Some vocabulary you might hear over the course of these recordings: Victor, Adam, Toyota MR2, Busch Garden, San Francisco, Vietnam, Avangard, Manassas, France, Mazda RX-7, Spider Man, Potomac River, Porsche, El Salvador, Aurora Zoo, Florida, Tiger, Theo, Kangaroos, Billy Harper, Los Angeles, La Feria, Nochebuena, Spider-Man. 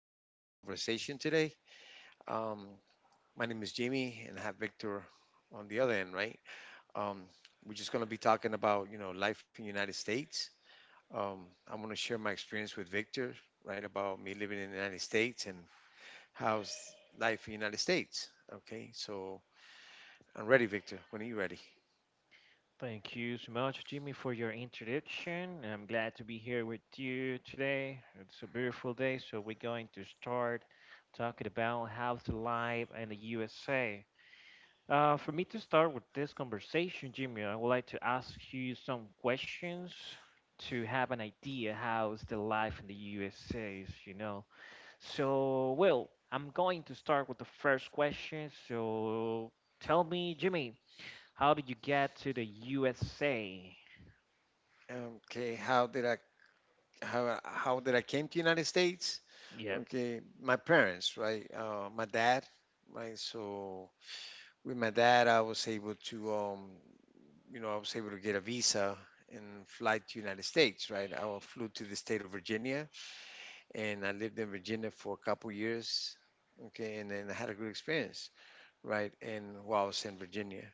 a conversation today. Um, my name is Jimmy, and I have Victor on the other end, right? Um, we're just gonna be talking about life in the United States. I'm gonna share my experience with Victor, right, about me living in the United States and how's life in the United States. Okay, so I'm ready, Victor. When are you ready? Thank you so much, Jimmy, for your introduction. I'm glad to be here with you today. It's a beautiful day, so we're going to start talking about how to live in the USA. For me to start with this conversation, Jimmy, I would like to ask you some questions to have an idea how's the life in the USA is. So, well, I'm going to start with the first question. So, tell me, Jimmy, how did you get to the USA? Okay, how did I came to the United States? Yeah. Okay, my parents, right? My dad, right? So with my dad, I was able to, I was able to get a visa and fly to United States, right? Flew to the state of Virginia, and I lived in Virginia for a couple years. Okay, and then I had a good experience, right? And while I was in Virginia.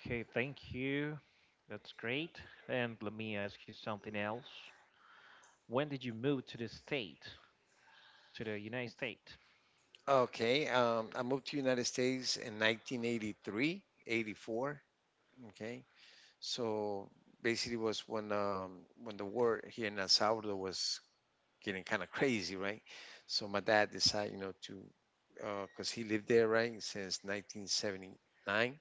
Okay, thank you. That's great. And let me ask you something else. When did you move to the state, to the United States? Okay, I moved to United States in 1983, 84. Okay, so basically was when the war here in El Salvador was getting kind of crazy, right? So my dad decided, you know, to because he lived there, right, since 1979,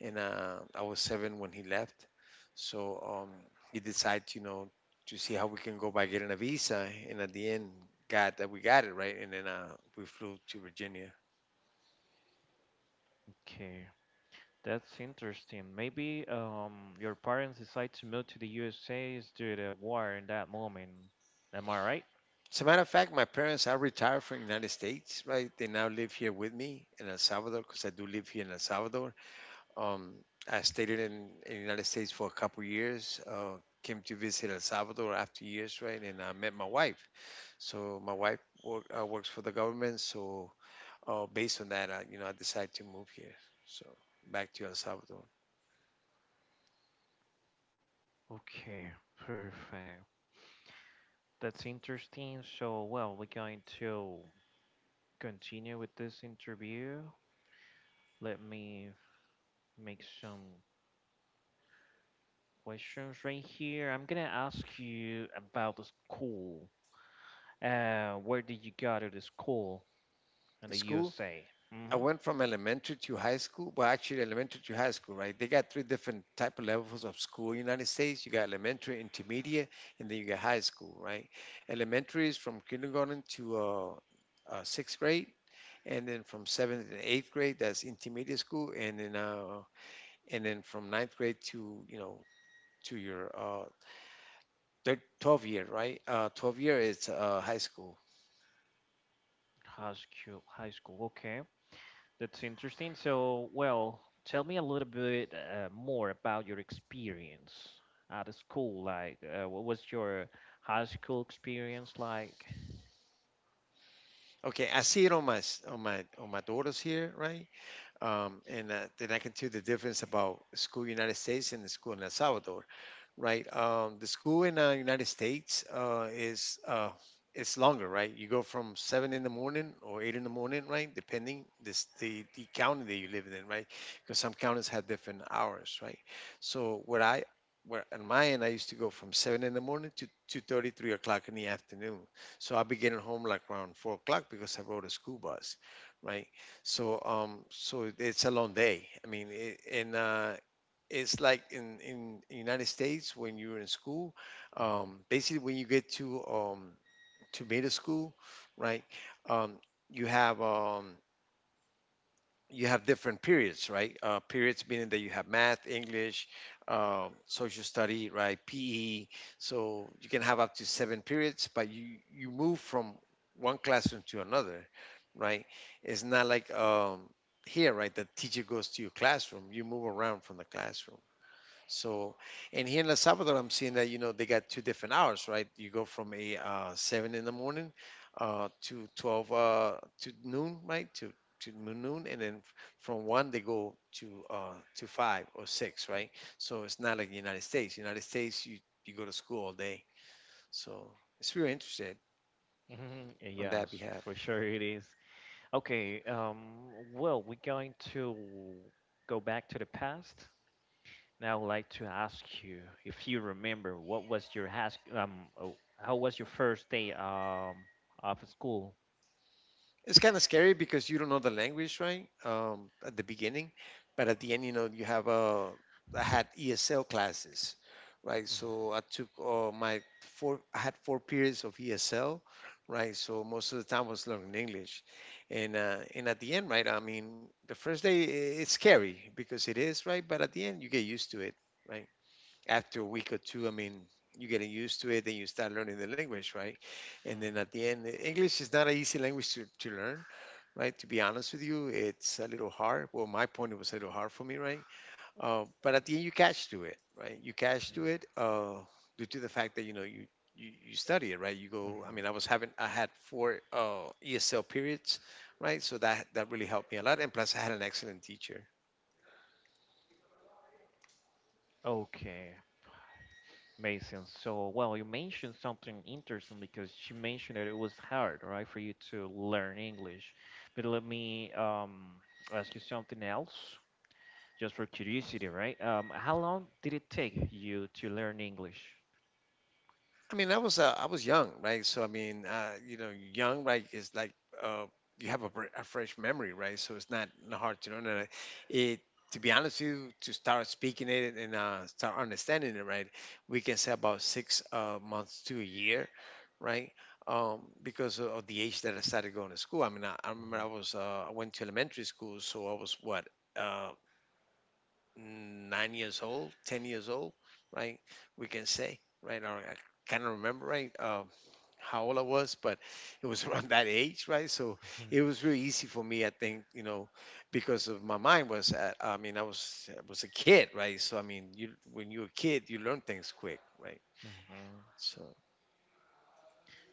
and I was seven when he left. So he decided, you know, to see how we can go by getting a visa, and at the end, got that we got it, right? And then we flew to Virginia. Okay, that's interesting. Maybe your parents decide to move to the USA is due to the war in that moment. Am I right? As a matter of fact, my parents are retired from the United States, right? They now live here with me in El Salvador because I do live here in El Salvador. Um, I stayed in the United States for a couple years. Came to visit El Salvador after years, right? And I met my wife. So my wife work, works for the government. So based on that, I, you know, I decided to move here. So back to El Salvador. Okay, perfect. That's interesting. So, well, we're going to continue with this interview. Let me make some questions right here. I'm gonna ask you about the school. Where did you go to the school in The the school, USA? I Hmm. went from elementary to high school. Well, actually, elementary to high school, right? They got three different type of levels of school in the United States. You got elementary, intermediate, and then you got high school, right? Elementary is from kindergarten to sixth grade and then from seventh and eighth grade, that's intermediate school, and then from ninth grade to to your 12th year, right? 12th year is high school. High school, high school. Okay, that's interesting. So, well, tell me a little bit more about your experience at the school. Like, what was your high school experience like? Okay, I see it on my on my daughters here, right? And Then I can tell the difference about school United States and the school in El Salvador, right? The school in United States is it's longer, right? You go from seven in the morning or eight in the morning, right? Depending this the county that you live in, right? Because some counties have different hours, right? So what I where on my end, I used to go from seven in the morning to 2:30, 3 o'clock in the afternoon. So I'll be getting home like around 4 o'clock because I rode a school bus, right? So it's a long day. I mean, it, and it's like in United States when you're in school, Mhm. Basically when you get to middle school, right? Um, you have you have different periods, right? Periods meaning that you have math, English, social study, right? PE. So you can have up to seven periods, but you move from one classroom to another, right? It's not like here, right? The teacher goes to your classroom. You move around from the classroom so, and here in El Salvador, I'm seeing that, you know, they got two different hours, right? You go from a seven in the morning to 12 to noon, right? To noon, and then from one they go to five or six, right? So it's not like the United States. United States, you go to school all day. So it's really interested Mhm. on that Yes, behalf. for sure it is. Okay, well, we're going to go back to the past. Now I would like to ask you if you remember what was your how was your first day of school? It's kind of scary because you don't know the language, right? At the beginning, but at the end, you know, you have I had ESL classes, right? So I took I had four periods of ESL, right? So most of the time I was learning English, and at the end, right? I mean, the first day it's scary because it is, right? But at the end, you get used to it, right? After a week or two, I mean. You getting used to it, then you start learning the language, right? And then at the end, English is not an easy language to learn, right? To be honest with you, it's a little hard. Well, my point it was a little hard for me, right? But at the end, you catch to it, right? You catch to it due to the fact that you know you, you study it, right? You go. I mean, I Mm-hmm. was having I had four ESL periods, right? So that that really helped me a lot, and plus I had an excellent teacher, Okay, makes sense. So, well, you mentioned something interesting because you mentioned that it was hard, right, for you to learn English. But let me ask you something else, just for curiosity, right? How long did it take you to learn English? I mean, I was young, right? So I mean, you know, young, right, is like uh, you have a, a fresh memory, right? So it's not hard to learn it. It to be honest with you, to start speaking it and start understanding it, right? We can say about six months to a year, right? Because of the age that I started going to school. I mean, I remember I was I went to elementary school, so I was what. uh, 9 years old, 10 years old, right? We can say, right? Or I kind of remember, right? How old I was, but it was around that age, right? So it was really easy for me, I think, you know, because of my mind was at. I mean, I was a kid, right? So I mean, you when you're a kid, you learn things quick, right? Mm-hmm. So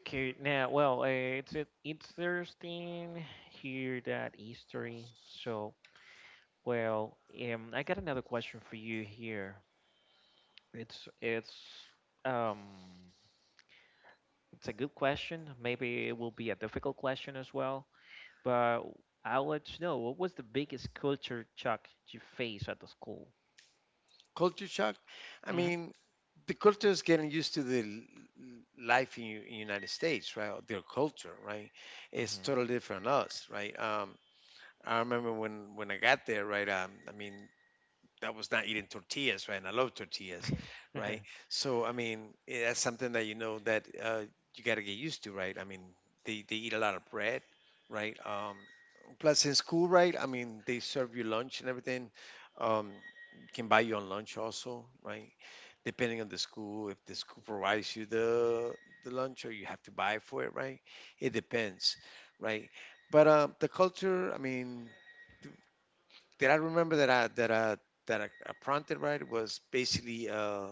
Okay, now, well, it's interesting here that history. So, well, I got another question for you here. It's it's um it's a good question. Maybe it will be a difficult question as well. But I want to know what was the biggest culture shock you faced at the school? culture shock. I Mm-hmm. mean, the culture is getting used to the life in, in United States, right? Or Their culture, right? It's totally different Mm-hmm. than us, right? I remember when I got there, right? I mean, that was not eating tortillas, right? And I love tortillas, right? So I mean, eh, that's something that you know that you got to get used to, right? I mean, they eat a lot of bread, right? Plus in school, right? I mean, they serve you lunch and everything. Um, can buy you on lunch also, right? Depending on the school, if the school provides you the lunch or you have to buy for it, right? It depends, right? But the culture, I mean, th- that I remember that I that I that I prompted right was basically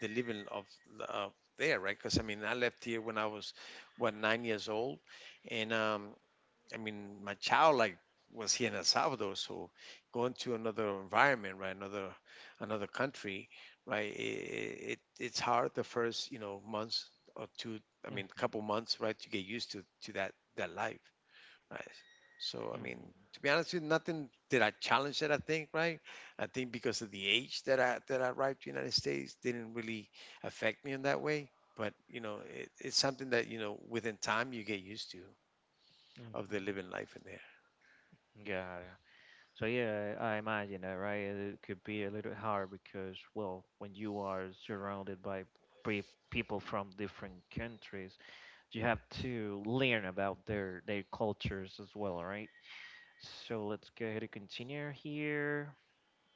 the living of there, right? Because I mean, I left here when I was what 9 years old, and I mean, my child like was here in El Salvador, so going to another environment, right, another another country, right, it it's hard the first you know months or two. I mean, couple Mm-hmm. months, right, to get used to to that life, right. So I mean, Mm-hmm. to be honest with you, nothing did I challenge that I think, right. I think because of the age that I arrived to the United States didn't really affect me in that way. But you know, it, it's something that you know within time you get used to of the living Mm-hmm. life in there. Got it. So yeah, I imagine that, right? It could be a little hard because, well, when you are surrounded by pre people from different countries, you have to learn about their cultures as well, right? So let's go ahead and continue here.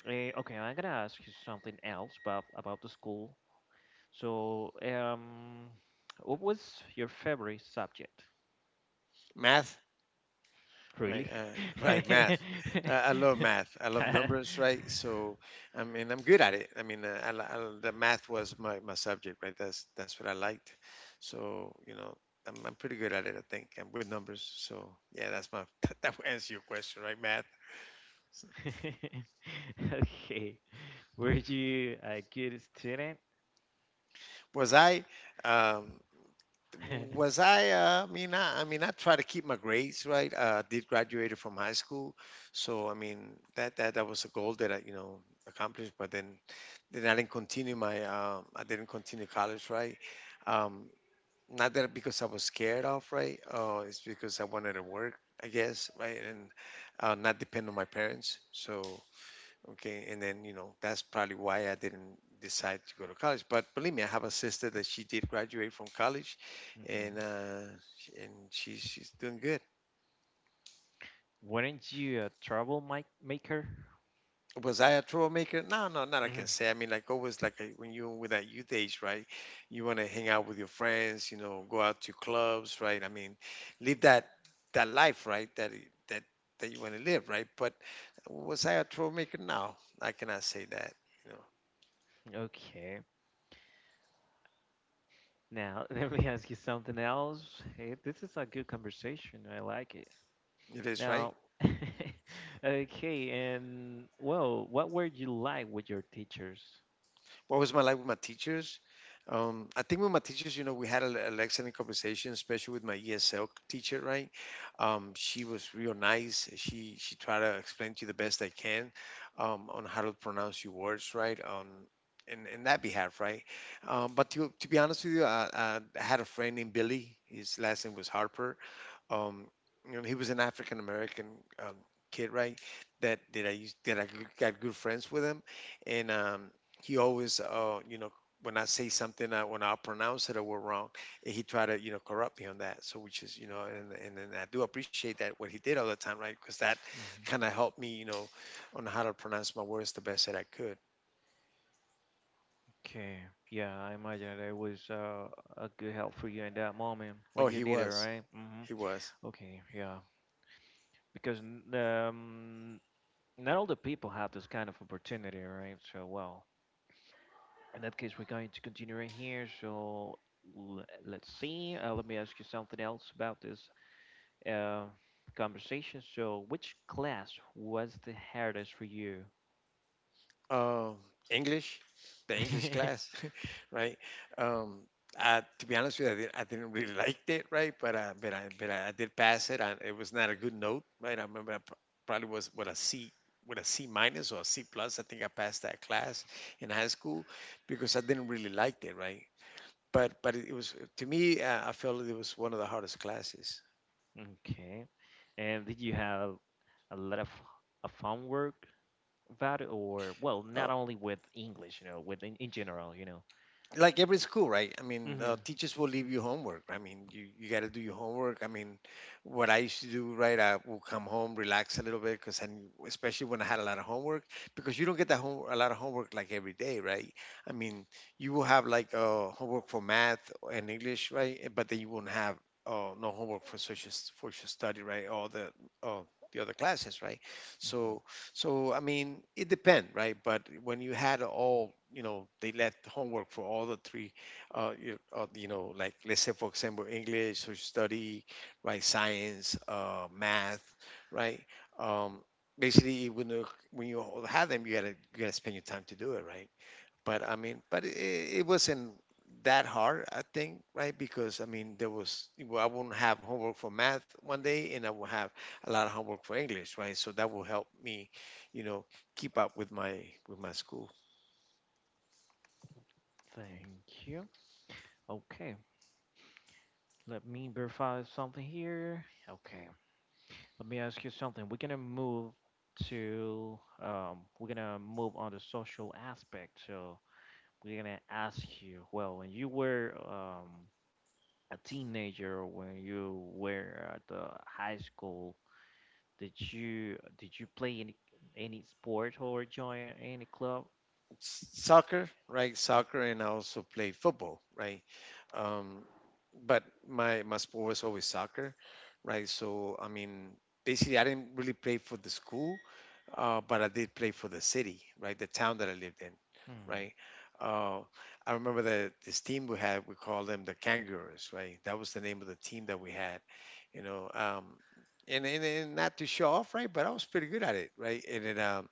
Okay, I'm gonna ask you something else about the school. So, what was your favorite subject? Math, right? Really? Right, math, I love math. I love numbers, right? So I mean, I'm good at it. I mean, I, the math was my, my subject, right? That's what I liked, so you know I'm pretty good at it. I think I'm with numbers, so yeah, that's my that that will answer your question, right? Math Okay. Were you a good student? was I um, was I mean I mean I try to keep my grades right. I did graduated from high school, so I mean that that was a goal that I you know accomplished. But then I didn't continue my I didn't continue college, right? Um, Not that because I was scared of, right? It's because I wanted to work, I guess, right? And not depend on my parents. So okay, and then you know that's probably why I didn't decide to go to college. But believe me, I have a sister that she did graduate from college, and Mhm. uh, and she, she's doing good. Weren't you a troublemaker? Was I a troublemaker? No, no, not I Hmm. can say. I mean, like always, like when you with that youth age, right? You want to hang out with your friends, you know, go out to clubs, right? I mean, live that life, right? That I- that that you want to live, right? But was I a troublemaker? No, I cannot say that. You know, Okay. Now, let me ask you something else. Hey, this is a good conversation. I like it. it is right. Now, okay, and well, what were you like with your teachers? What was my life with my teachers? I think with my teachers, you know, we had a, an excellent conversation, especially with my ESL teacher, right? She was real nice. She tried to explain to you the best I can on how to pronounce your words, right? In that behalf, right? But to be honest with you, I had a friend named Billy. His last name was Harper. um you know, he was an African American um, kid, right, that I used that I got good friends with him. And he always, you know, when I say something, when I pronounce it or we're wrong, he tried to, you know, corrupt me on that. So which is, you know, and I do appreciate that what he did all the time, right? Because that Mm-hmm. kind of helped me, you know, on how to pronounce my words the best that I could. Okay, yeah, I imagine it was a good help for you in that moment when Oh, you need it, right? Hmm. he was Okay, yeah, because not all the people have this kind of opportunity, right? So, well, in that case, we're going to continue right here. So, let's see. Let me ask you something else about this uh, conversation. So, which class was the hardest for you? Uh, English, the English class, right? Um, to be honest with you, I didn't really like it, right? But I did pass it. And it was not a good note, right? I remember I probably was with a C, with a C minus or a C plus. I think I passed that class in high school because I didn't really like it, right? But it was to me, I felt it was one of the hardest classes. Okay, and did you have a lot of homework? That or well, not Oh, only with English, you know, with in general, you know. like every school, right? I mean, Hmm. teachers will leave you homework. I mean, you got to do your homework. I mean, what I used to do, right, I will come home, relax a little bit, because especially when I had a lot of homework, because you don't get that home a lot of homework like every day, right? I mean, you will have like homework for math and English, right? But then you won't have no homework for social for social study, right? Or uh, the other classes, right? Hmm. So so I mean, it depends, right? But when you had all, you know, they left homework for all the three, you know, like let's say for example, English, social study, right, science, math, right. Um, Basically, when you had them, you gotta spend your time to do it, right? But it, it wasn't that hard, I think, right? Because I mean, there was well, I wouldn't have homework for math one day, and I will have a lot of homework for English, right? So that will help me, you know, keep up with my school. Thank you. Okay, let me verify something here. Okay, let me ask you something. We're gonna move to we're gonna move on the social aspect. So we're gonna ask you. Well, when you were a teenager, or when you were at the high school, did you play any sport or join any club? Soccer, right? Soccer, and I also played football, right? Um, but my sport was always soccer, right? So I mean, basically, I didn't really play for the school, but I did play for the city, right? The town that I lived in, right? Mm. Uh, I remember that this team we had, we called them the Kangaroos, right? That was the name of the team that we had, you know. And not to show off, right? But I was pretty good at it, right? And then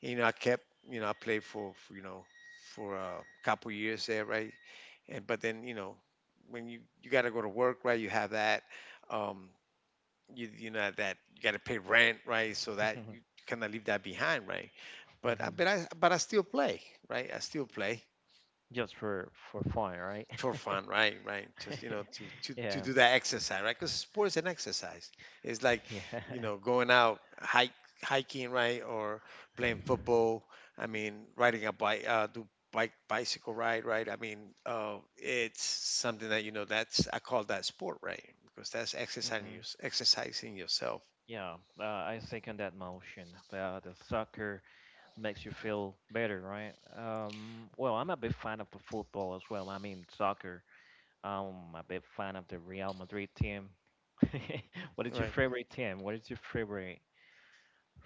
you know, I kept, you know, I played for, you know, for a couple years there, right? And but then, you know, when you got to go to work, right? You have that, um, you know that you got to pay rent, right? So that you cannot leave that behind, right? But I but I but I still play, right? I still play, Just for fun, right? for fun, right? Right. Just you know to Yeah. do that exercise, right? Because sports and exercise. It's like Yeah. you know going out hike hiking, right, or playing football. I mean, riding a bike, do bike bicycle ride, right? I mean, it's something that you know that's I call that sport, right? Because that's exercising Hmm. you, exercising yourself, Yeah, I second that motion. The soccer makes you feel better, right? Well, I'm a big fan of the football as well. I mean, soccer. I'm a big fan of the Real Madrid team. What is your right? favorite team? What is your favorite?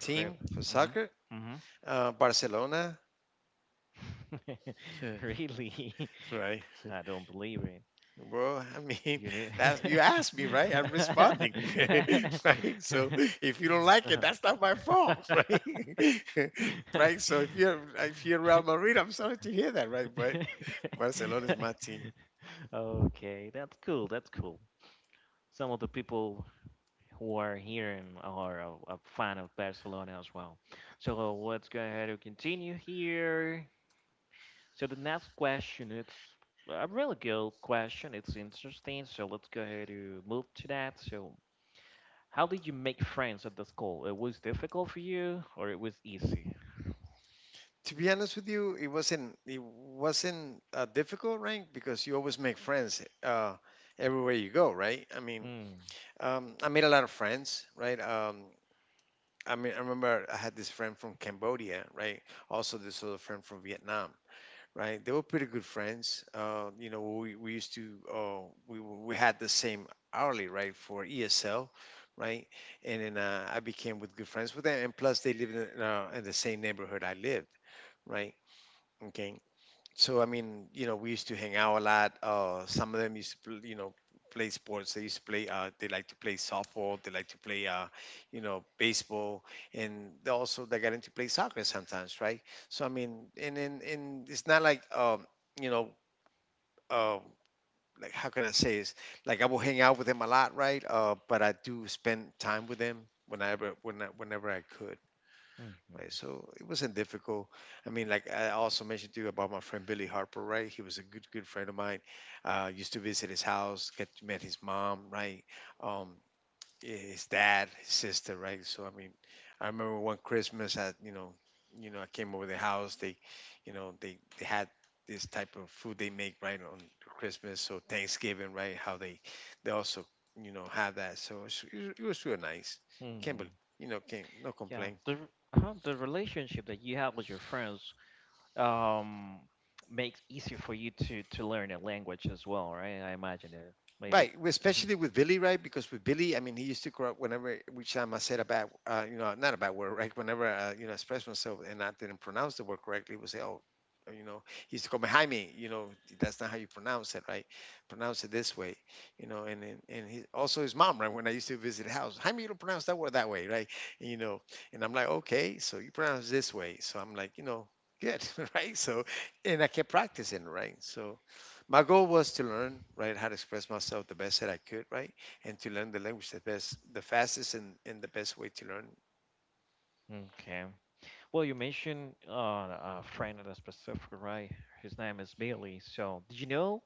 Team for soccer, mm-hmm. Barcelona, Mm-hmm. Really? right? I don't believe it. Bro, I mean, You need. that's you asked me, right? I'm responding, right? So if you don't like it, that's not my Uh-huh. fault, right? right. So if you're Real Madrid, I'm sorry to hear that, right? But Barcelona is my team. Okay, that's cool. That's cool. Some of the people who are here and are a fan of Barcelona as well. So let's go ahead and continue here. So the next question, it's a really good question. It's interesting. So let's go ahead and move to that. So how did you make friends at the school? It was difficult for you or it was easy? To be honest with you, it wasn't difficult, right? Because you always make friends everywhere you go, right? I mean, Hmm. I made a lot of friends, right? I mean, I remember I had this friend from Cambodia, right? Also, this other friend from Vietnam, right? They were pretty good friends. You know, we used to we we had the same hourly right for ESL, right? And then I became with good friends with them, and plus they lived in the same neighborhood I lived, right? Okay, so I mean, you know, we used to hang out a lot. Some of them used to, you know, play sports. They used to play. They like to play softball. They like to play, you know, baseball, and they got into play soccer sometimes, right? So I mean, and it's not like, you know, uh, like how can I say is like I will hang out with them a lot, right? But I do spend time with them whenever whenever I could, right? Mm-hmm. So it wasn't difficult. I mean, like I also mentioned to you about my friend Billy Harper, right? He was a good, good friend of mine. Used to visit his house, get met his mom, right? Um, his dad, his sister, right? So I mean, I remember one Christmas, I you know, I came over the house. They, you know, they had this type of food they make right on Christmas, so Thanksgiving, right? How they also you know have that. So it was real nice. Can't Mm-hmm. believe you know, can't no Yeah. complaint. The the relationship that you have with your friends um makes easier for you to learn a language as well, right? I imagine it, maybe. Right, well, Mhm. especially with Billy, right? Because with Billy, I mean, he used to corrupt whenever, which time I said a bad, you know, not a bad word, right? Whenever, you know, expressed myself and I didn't pronounce the word correctly, he would say, oh, you know, he used to call me Jaime, you know, that's not how you pronounce it, right? Pronounce it this way, you know, and he, also his mom, right? When I used to visit the house, Jaime, you don't pronounce that word that way, right? And you know, and I'm like, okay, so you pronounce it this way. So I'm like, you know, good, right? So, and I kept practicing, right? So, my goal was to learn right how to express myself the best that I could, right? And to learn the language the best the fastest, and the best way to learn, Okay, well, you mentioned a friend at a specific, right? His name is Billy. So did you know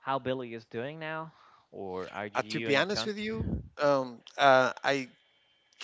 how Billy is doing now, or are to you be in honest with contact? you, um, uh, i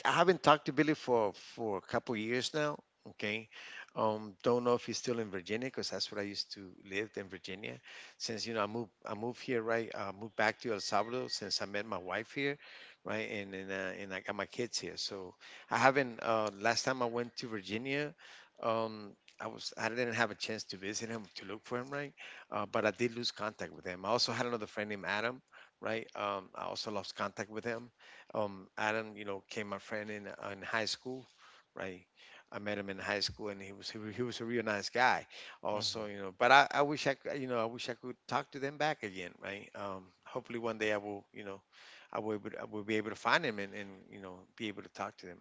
I haven't talked to Billy for a couple years now. Okay, don't know if he's still in Virginia because that's where I used to live in Virginia. Since you know I moved here, right, I moved back to El Salvador since I met my wife here, right, and I got my kids here. So I haven't. Last time I went to Virginia, um, I didn't have a chance to visit him to look for him, right? But I did lose contact with him. I also had another friend named Adam, right? I also lost contact with him. Adam, you know, came my friend in high school, right? I met him in high school, and he, he was a real nice guy, also, you Hmm. know. But I wish I you know I wish I could talk to them back again, right? Hopefully one day I will, you know, I will be able to find him, and you know be able to talk to them.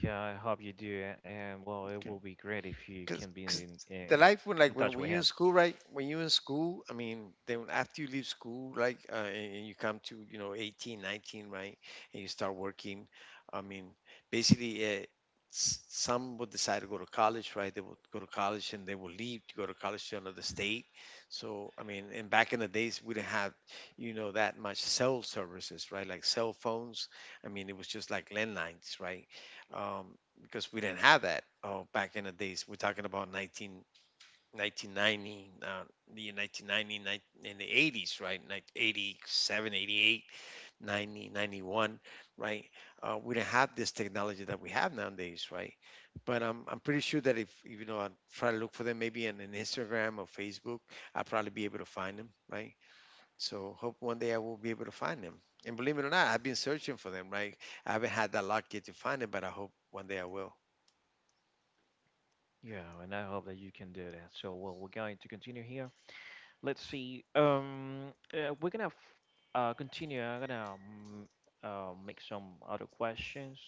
Yeah, I hope you do. And well, it will be great if you because can be because the life, when, in like when, touch when with you're in him. school, right? When you're in school, I mean, then after you leave school, like, and you come to, you know, 18, 19, right? And you start working. I mean, basically, some would decide to go to college, right? They would go to college, and they will leave to go to college to another state. So I mean, and back in the days, we didn't have, you know, that much cell services, right? Like cell phones, I mean, it was just like landlines, right? Um, because we didn't have that. Oh, back in the days we're talking about 1990, the 1990, in the 80s, right? Like 87, 88, 90, 91, right? We didn't have this technology that we have nowadays, right? But I'm pretty sure that if, you know, I try to look for them, maybe on an Instagram or Facebook, I'll probably be able to find them, right? So hope one day I will be able to find them. And believe it or not, I've been searching for them, right? I haven't had that luck yet to find them, but I hope one day I will. Yeah, and I hope that you can do that. So, well, we're going to continue here. Let's see. We're gonna f continue. I'm gonna make some other questions.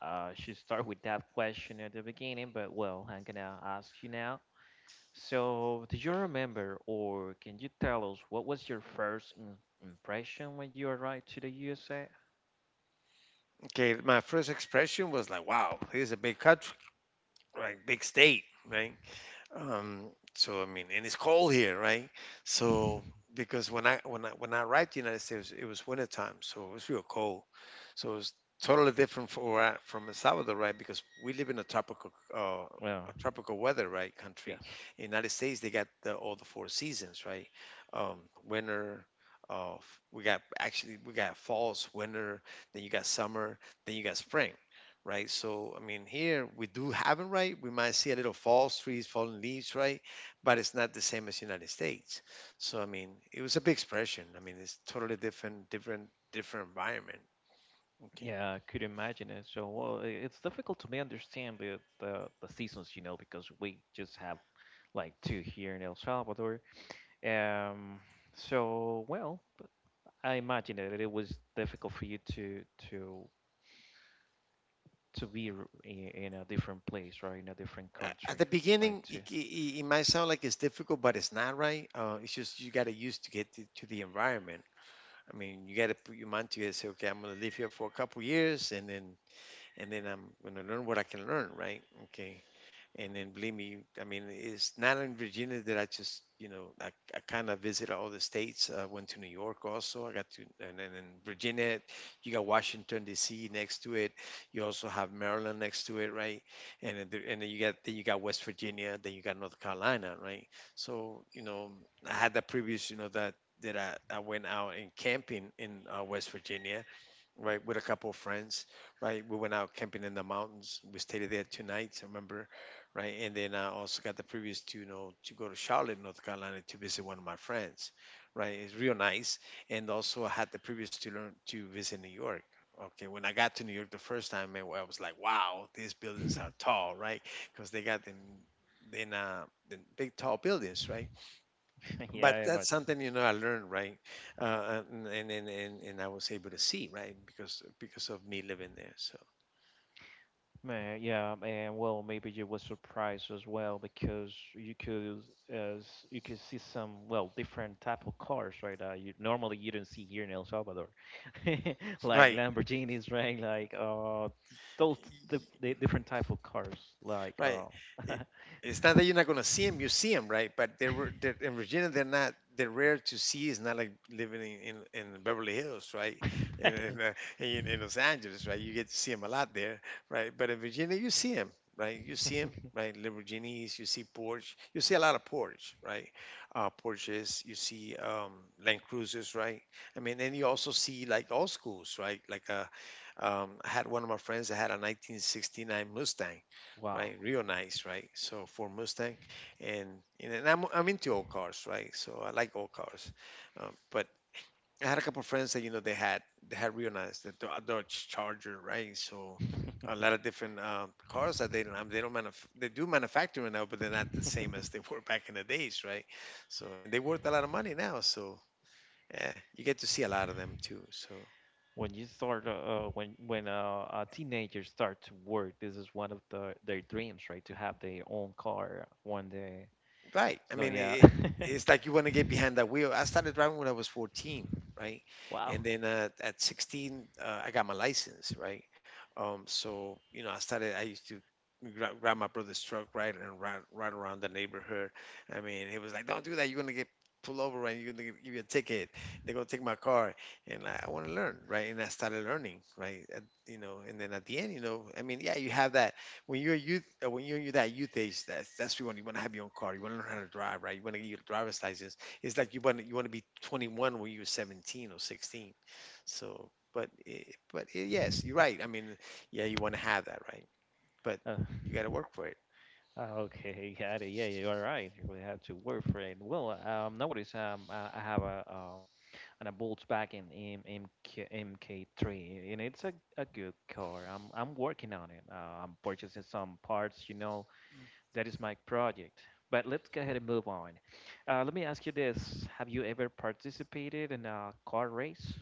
Should start with that question at the beginning, but well, I'm gonna ask you now. So, do you remember, or can you tell us what was your first im impression when you arrived to the USA? Okay, my first expression was like, "Wow, this is a big country, like big state, right?" So I mean, and it's cold here, right? So because when I arrived to the United States, it was winter time, so it was real cold. So it's totally different for, from El Salvador, right? Because we live in Well, a tropical weather, right? Country. yes. In United States, they got all the four seasons, right? Um, Winter. F- we got actually we got falls, winter. Then you got summer. Then you got spring, right? So I mean, here we do have it, right? We might see a little falls, trees, falling leaves, right? But it's not the same as United States. So I mean, it was a big expression. I mean, it's totally different, different environment. Okay. Yeah, I could imagine it. So, well, it's difficult to me understand the, the seasons, you know, because we just have like two here in El Salvador. Um, so, well, but I imagine that it was difficult for you to to be in a different place or in a different At country, the like beginning, it, to. it, it it might sound like it's difficult, but it's not, right? It's just, you got to use to get to the environment. I mean, you got to put your mind to it and say, okay, I'm going to live here for a couple years, and then I'm going to learn what I can learn, right? Okay, and then believe me, I mean, it's not in Virginia that I just, you know, I kind of visit all the states. I went to New York also. I got to. And then in Virginia, you got Washington, D.C. next to it. You also have Maryland next to it, right? And then, then you got West Virginia, then you got North Carolina, right? So, you know, I had the previous, you know, that I went out and camping in, West Virginia, right, with a couple of friends, right? We went out camping in the mountains. We stayed there 2 nights, I remember, right? And then I also got the previous to go to Charlotte, North Carolina, to visit one of my friends, right? It's real nice. And also I had the previous to learn to visit New York. Okay, when I got to New York the first time, man, I was like, wow, these buildings are tall, right? Because they got them, the big tall buildings, right? Yeah, But I that's imagine. something, you know, I learned, right? And I was able to see, right, because of me living there. So, Man, yeah, and well, maybe you were surprised as well because you could you could see some well different type of cars, right? You normally you don't see here in El Salvador, like right, Lamborghinis, right? Like those the different type of cars, like right? It, it's not that you're not gonna see them, you see them, right? But they're in Virginia, they're not. They're rare to see. It's not like living in Beverly Hills, right? In Los Angeles, right? You get to see them a lot there, right? But in Virginia, you see them, right? You see them, right? Lamborghinis, you see Porsche, you see a lot of Porsche, right? Porsches, you see, Land Cruisers, right? I mean, and you also see like old schools, right? Like, I had one of my friends that had a 1969 Mustang, Wow. right? Real nice, right? So for Mustang, and and then I'm into old cars, right? So I like old cars, but I had a couple of friends that, you know, they had real nice the Dodge Charger, right? So a lot of different, cars that they don't, they do manufacture now, but they're not the same as they were back in the days, right? So and they worth a lot of money now, so yeah, you get to see a lot of them too. So. When you start, when a teenager start to work, this is one of the their dreams, right? To have their own car one day. Right. I So mean, yeah. it, it's like you want to get behind that wheel. I started driving when I was 14, right? Wow. And then, at 16, I got my license, right? So, you know, I started, I used to grab my brother's truck, right? And ride around the neighborhood. I mean, it was like, don't do that. You're going to get pulled over, right? You're going to give you a ticket. They're going to take my car. And I want to learn, right? And I started learning, right? At, you know, and then at the end, you know, I mean, yeah, you have that when you're a youth, when you're that youth age, that's when you want. You want to have your own car. You want to learn how to drive, right? You want to get your driver's license. It's like you want to be 21 when you're 17 or 16. So, but it, yes, you're right. I mean, yeah, you want to have that, right? But Uh, you got to work for it. uh, okay, got it. Yeah, you are right. You really have to work for it. Well, nowadays, I have a, and a bought back an MK- MK3, and it's a good car. I'm working on it. I'm purchasing some parts. You know, that is my project. But let's go ahead and move on. Let me ask you this: have you ever participated in a car race?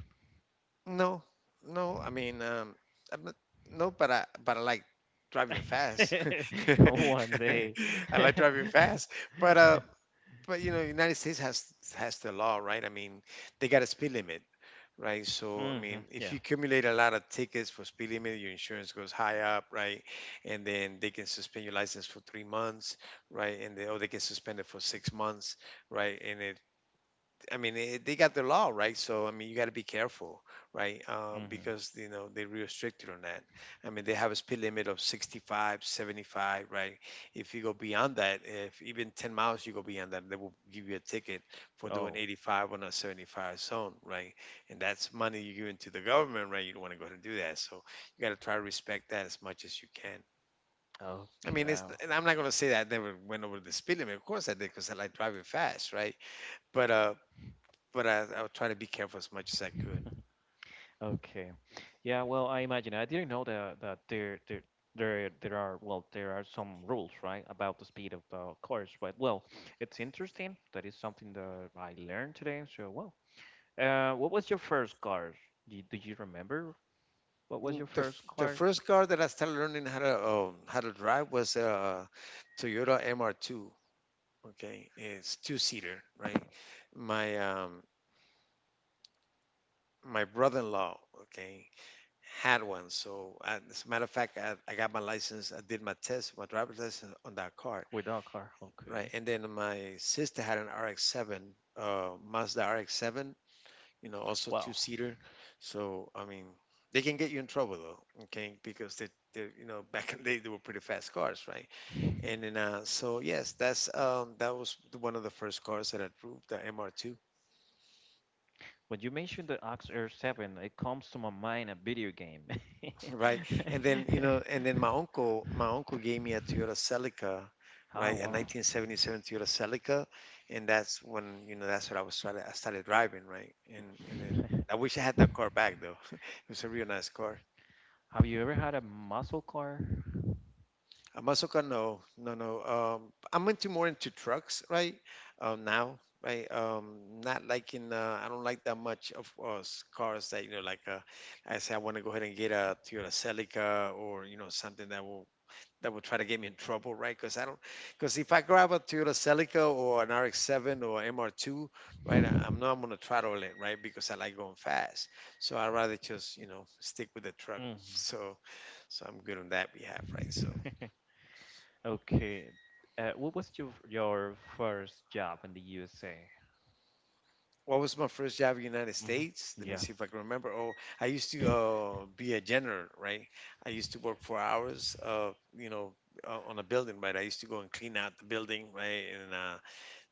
No, no. I mean, I'm not. No, but I like driving fast. One day. I like driving fast, but uh, but you know, United States has the law, right? I mean, they got a speed limit, right? So I mean, Hmm. if you Yeah. accumulate a lot of tickets for speed limit, your insurance goes high up, right? And then they can suspend your license for 3 months, right? And they or they can suspend it for 6 months, right? And it I mean, they got their law, right? So, I mean, you got to be careful, right? Hmm. Because, you know, they restrict you on that. I mean, they have a speed limit of 65, 75, right? If you go beyond that, if even 10 miles you go beyond that, they will give you a ticket for doing Oh. 85 on a 75 zone, right? And that's money you're giving to the government, right? You don't want to go ahead and do that. So, you got to try to respect that as much as you can. I Okay. mean, it's. And I'm not going to say that I never went over the speed limit. Of course I did, because I like driving fast, right? But uh, but I would try to be careful as much as I could. Okay. Yeah, well, I imagine I didn't know that that there are well there are some rules, right, about the speed of the cars, but well, it's interesting. That is something that I learned today. So, well, what was your first car? Do you remember what was Mm. your first The car? first car that I started learning how to, how to drive was a Toyota MR2. Okay, it's two seater, right? My um, my brother-in-law, okay, had one. So as a matter of fact, I got my license. I did my test, my driver's license on that car, Without car, right? okay. And then my sister had an RX-7, Mazda RX-7, you know, also two Wow. seater. So I mean, they can get you in trouble though, okay? Because you know, back in the day they were pretty fast cars, right? And then, so yes, that was one of the first cars that I drove, the MR2, When you mentioned the Ox Air 7, it comes to my mind a video game. right? And then, you know, and then my uncle gave me a Toyota Celica. Oh, Right, a wow. 1977 Toyota Celica, and that's when, you know, that's what I was started. I started driving, right, and then I wish I had that car back though. It was a real nice car. Have you ever had a muscle car? Masoka, no, no, no. I'm into more into trucks, right? Now, right? Not like in. I don't like that much of us cars that, you know, I say, I want to go ahead and get a Toyota Celica or, you know, something that will try to get me in trouble, right? Because I don't, because if I grab a Toyota Celica or an RX-7 or MR2, right, I'm not gonna throttle it, right? Because I like going fast, so I rather just, you know, stick with the truck. Mm. So I'm good on that behalf, right? So. Okay. What was your first job in the USA? What was my first job in the United Hmm. States? Let me Yeah. see if I can remember. Oh, I used to, be a janitor, right? I used to work for hours, you know, on a building, right? I used to go and clean out the building, right? And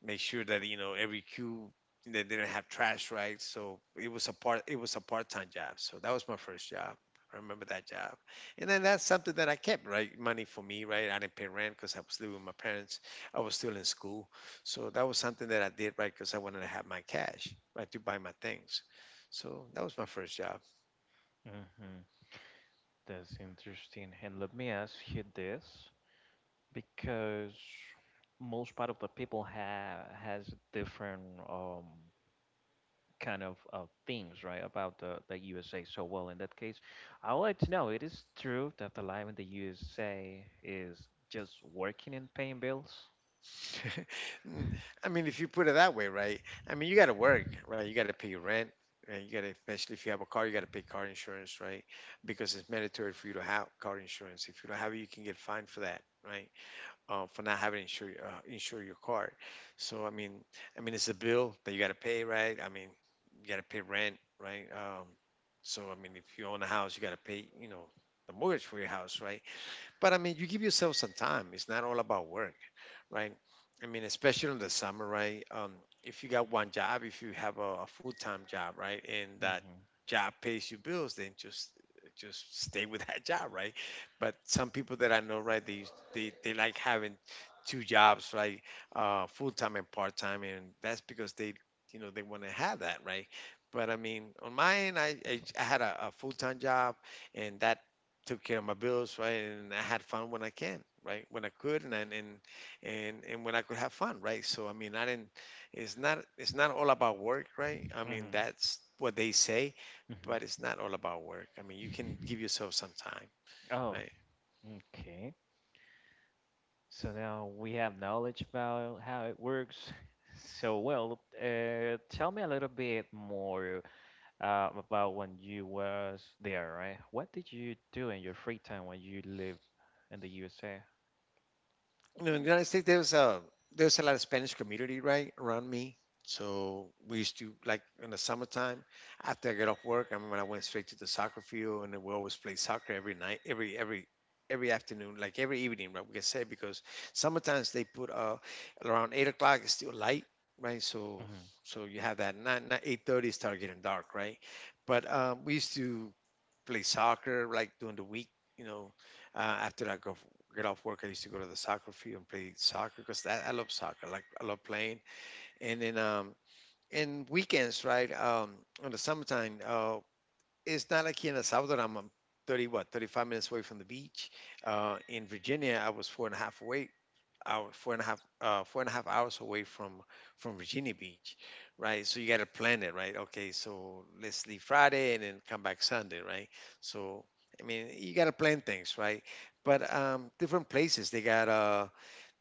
make sure that you know every cube they didn't have trash, right? So it was a part time job. So that was my first job. I remember that job, and then that's something that I kept, right? Money for me, right? I didn't pay rent because I was living with my parents. I was still in school, so that was something that I did, right? Because I wanted to have my cash, right, to buy my things. So that was my first job. Hmm. That's interesting. And let me ask you this, because most part of the people have has different um kind of things, right, about the USA, so well in that case. I would like to know, it is true that the life in the USA is just working and paying bills? Mm, I mean, if you put it that way, right? I mean, you got to work, right? You got to pay your rent, right? You got to, especially if you have a car, you got to pay car insurance, right? Because it's mandatory for you to have car insurance. If you don't have it, you can get fined for that, right? For not having insure your car. So I mean, it's a bill that you got to pay, right? I mean, you got to pay rent, right? So I mean, if you own a house, you got to pay the mortgage for your house, right? But I mean, you give yourself some time. It's not all about work, right? I mean, especially in the summer, right? If you got one job, if you have a full-time job, right, and that Mm-hmm. job pays you bills, then just stay with that job, right? But some people that I know, right, they like having two jobs, right? Full-time and part-time, and that's because they you know they want to have that, right? But I mean, on my end, I had a full-time job, and that took care of my bills, right? And I had fun when I can, right, when I could, and when I could have fun, right? So I mean, I didn't it's not all about work, right? I mean, Mm-hmm. that's what they say, Mm-hmm. but it's not all about work. I mean, you can give yourself some time, Oh, right? okay. So now we have knowledge about how it works. So well, tell me a little bit more about when you was there, right? What did you do in your free time when you live in the USA? In the United States, there was a lot of Spanish community right around me. So we used to, like in the summertime, after I got off work. I remember I went straight to the soccer field, and then we always played soccer every night, every afternoon, like every evening, right? We can say, because sometimes they put around 8 o'clock it's still light, right? So you have that, not 8:30 start getting dark, right? But we used to play soccer like during the week, you know, after I go get off work. I used to go to the soccer field and play soccer, because that I love soccer. Like, I love playing. And then, and weekends, right? In the summertime, it's not like here in El Salvador. I'm 30, what, 35 minutes away from the beach. In Virginia, I was four and a half away hour, four and a half, four and a half hours away from Virginia Beach, right? So you got to plan it, right? Okay, so let's leave Friday and then come back Sunday, right? So I mean, you got to plan things, right? But different places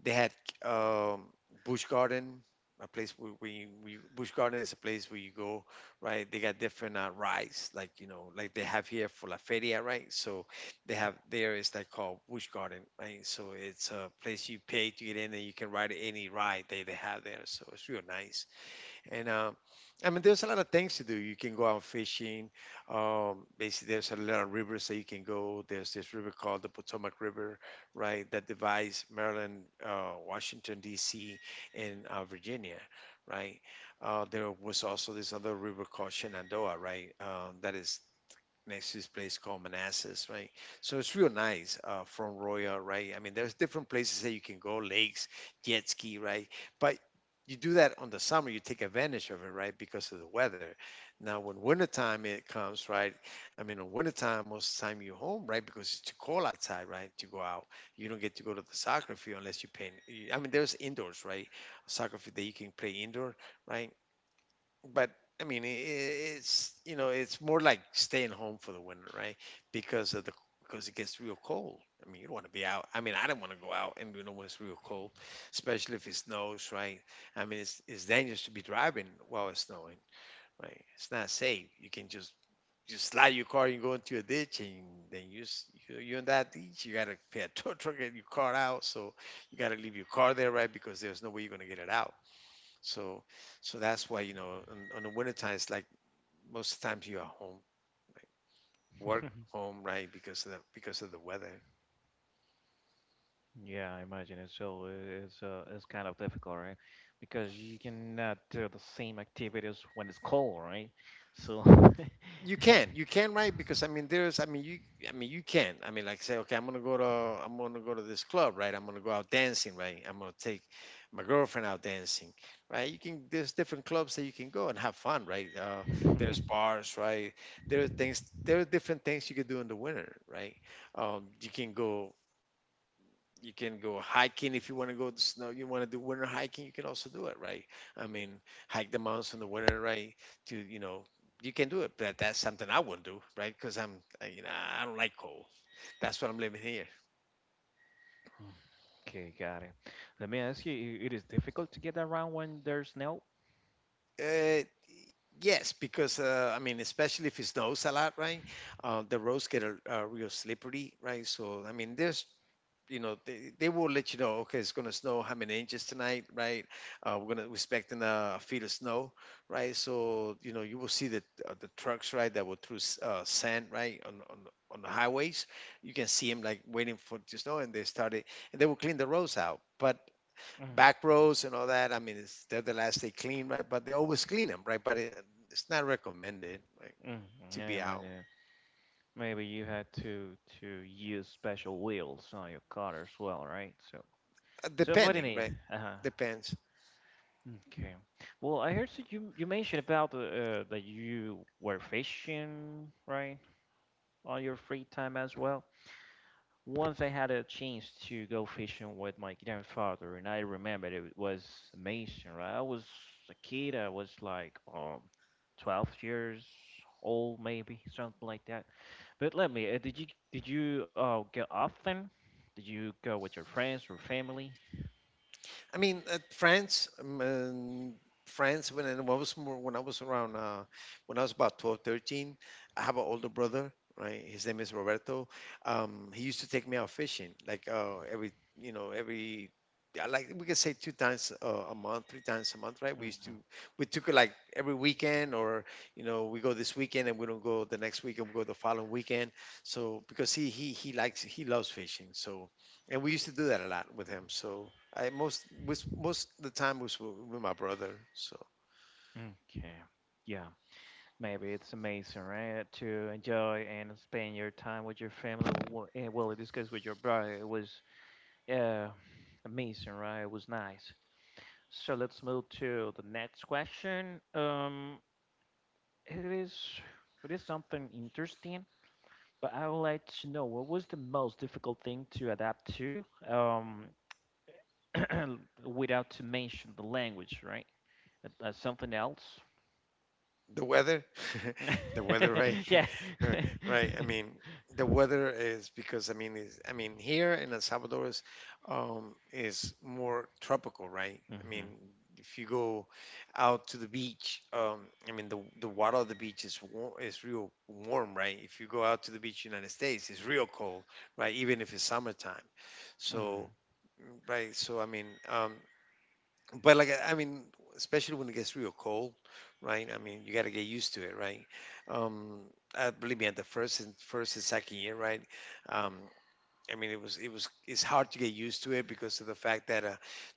they had um, Busch Garden, a place where you, we Busch Garden is a place where you go, right? They got different rides, like they have here for La Feria, right? So they have there is that called Busch Garden, right? So it's a place you pay to get in, and you can ride any ride they have there. So it's real nice. And I mean, there's a lot of things to do. You can go out fishing. Basically, there's a lot of rivers that you can go. There's this river called the Potomac River, right, that divides Maryland, Washington, D.C., and Virginia, right? There was also this other river called Shenandoah, right, that is next to this place called Manassas, right? So it's real nice from Royal, right? I mean, there's different places that you can go, lakes, jet ski, right? But you do that on the summer, you take advantage of it, right? Because of the weather. Now, when wintertime it comes, right? I mean, in wintertime, most of the time you're home, right? Because it's too cold outside, right, to go out. You don't get to go to the soccer field unless you pay. I mean, there's indoors, right? Soccer field that you can play indoor, right? But I mean, it's more like staying home for the winter, right? Because of the because it gets real cold. I mean, you don't want to be out. I mean, I don't want to go out, and when it's real cold, especially if it snows, right? I mean, it's dangerous to be driving while it's snowing, right? It's not safe. You can just slide your car and go into a ditch, and then you're in that ditch. You gotta pay a tow truck and your car out, so you gotta leave your car there, right? Because there's no way you're gonna get it out. So, that's why, on the winter time, it's like most times you are home, like work home, right? Because because of the weather. Yeah, I imagine it's so it's kind of difficult, right? Because you cannot do the same activities when it's cold, right? So You can, right? Because I mean, there's, I mean, you can. I mean, like, say, okay, I'm gonna go to this club, right? I'm gonna go out dancing, right? I'm gonna take my girlfriend out dancing, right? You can, there's different clubs that you can go and have fun, right? There's bars, right? There are different things you can do in the winter, right? You can go hiking. If you want to go to snow, you want to do winter hiking, you can also do it, right? I mean, hike the mountains in the winter, right, to, you know, you can do it. But that's something I wouldn't do, right? Because I'm I- you know I don't like cold. That's what I'm living here. okay, got it. Let me ask you, it is difficult to get around when there's snow? uh, yes, because I mean, especially if it snows a lot, right? The roads get real slippery, right? So I mean, there's, they will let you know, okay, it's going to snow how many inches tonight, right? We're going to expecting a feet of snow, right? So you know you will see the trucks, right, that will through sand, right, on the highways. You can see them, like, waiting for the snow, and they started, and they will clean the roads out. But Mm. back roads and all that, I mean, they're the last they clean, right? But they always clean them, right? But it's not recommended, right, Mm. to Yeah, I be out. imagine. Maybe you had to use special wheels on your car as well, right? So, Uh, so what it depending is? right? Uh-huh. Depends, Okay. Well, I heard that you mentioned about that you were fishing, right, on your free time as well. Once I had a chance to go fishing with my grandfather, and I remember it was amazing, right? I was a kid. I was like 12 years old, maybe something like that. But let me. Did you go often? Did you go with your friends or family? I mean, France, and France. When I was more, when I was around, When I was about 12, 13. I have an older brother. Right, his name is Roberto. He used to take me out fishing, like every, every, I like we could say 2 times a month, 3 times a month, right? Hmm. We took it like every weekend, or we go this weekend and we don't go the next weekend, we go the following weekend. So because he loves fishing, and we used to do that a lot with him. So I most was most the time was with my brother. So Okay. Yeah. Maybe it's amazing, right? To enjoy and spend your time with your family. Well, in this case, with your brother, it was uh, amazing, right? It was nice. So let's move to the next question. It is it is something interesting, but I would like to know what was the most difficult thing to adapt to, without to mention the language, right? Something else. the weather, the weather, right, Yeah. right. I mean, the weather is because I mean, is I mean here in El Salvador is more tropical, right? I mean, hmm if you go out to the beach, I mean, the water of the beach is warm, is real warm, right? If you go out to the beach, United States, it's real cold, right? Even if it's summertime. hmm So, right. So I mean, but, like, I mean, especially when it gets real cold, right? I mean, you got to get used to it, right? Um, Believe me, at the first and second year, right? Um, I mean, it's hard to get used to it because of the fact that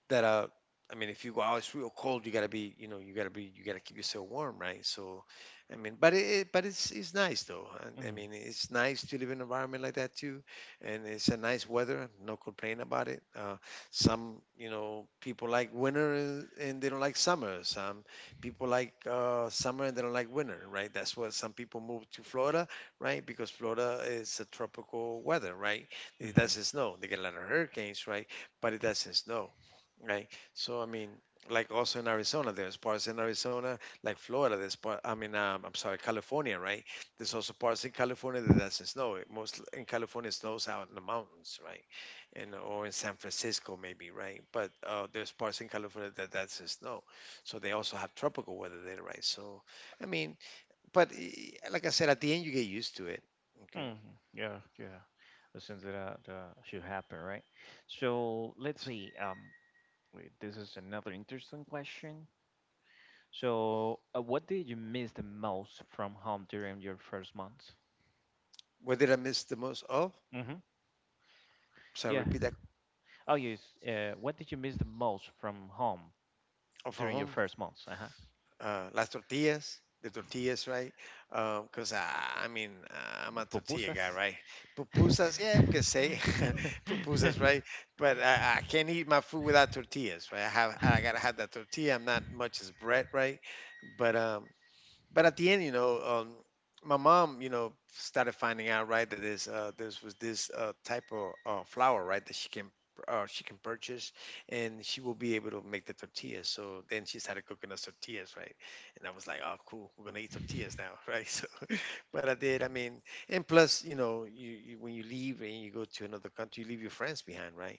that uh I mean, if you go out, it's real cold. You gotta be, you know, you gotta keep yourself warm, right? So, I mean, but it's nice though. And, I mean, it's nice to live in an environment like that too, and it's a nice weather. No complaint about it. Some people like winter and they don't like summer. Some people like summer and they don't like winter, right? That's why some people move to Florida, right? Because Florida is a tropical weather, right? It Mm-hmm. doesn't snow. They get a lot of hurricanes, right? But it doesn't snow, right? So I mean, like also in Arizona, there's parts in Arizona, like Florida. There's part. I mean, I'm sorry, California, right? There's also parts in California that doesn't snow. It most in California it snows out in the mountains, right? And or in San Francisco maybe, right? But there's parts in California that doesn't snow. So they also have tropical weather there, right? So I mean, but like I said, at the end you get used to it. Okay. hmm Yeah, yeah. The things that that should happen, right? So let's see. Wait, this is another interesting question. So, what did you miss the most from home during your first month? What did I miss the most of? Mm-hmm. Sorry, Yeah. repeat that Oh, yes. What did you miss the most from home or from during your home, first months? Uh-huh. Las tortillas, the tortillas, right? Because I mean, I'm a tortilla guy, Pupusas. right? Pupusas, yeah, we can say pupusas, right? But I can't eat my food without tortillas, right? I gotta have that tortilla. I'm not much as bread, right? But at the end, my mom started finding out, right, that there's was this type of flour, right, that she can purchase, and she will be able to make the tortillas. So then she started cooking us tortillas, right? And I was like, oh, cool, we're gonna eat tortillas now, right? So, but I did. I mean, and plus, you know, you when you leave and you go to another country, you leave your friends behind, right?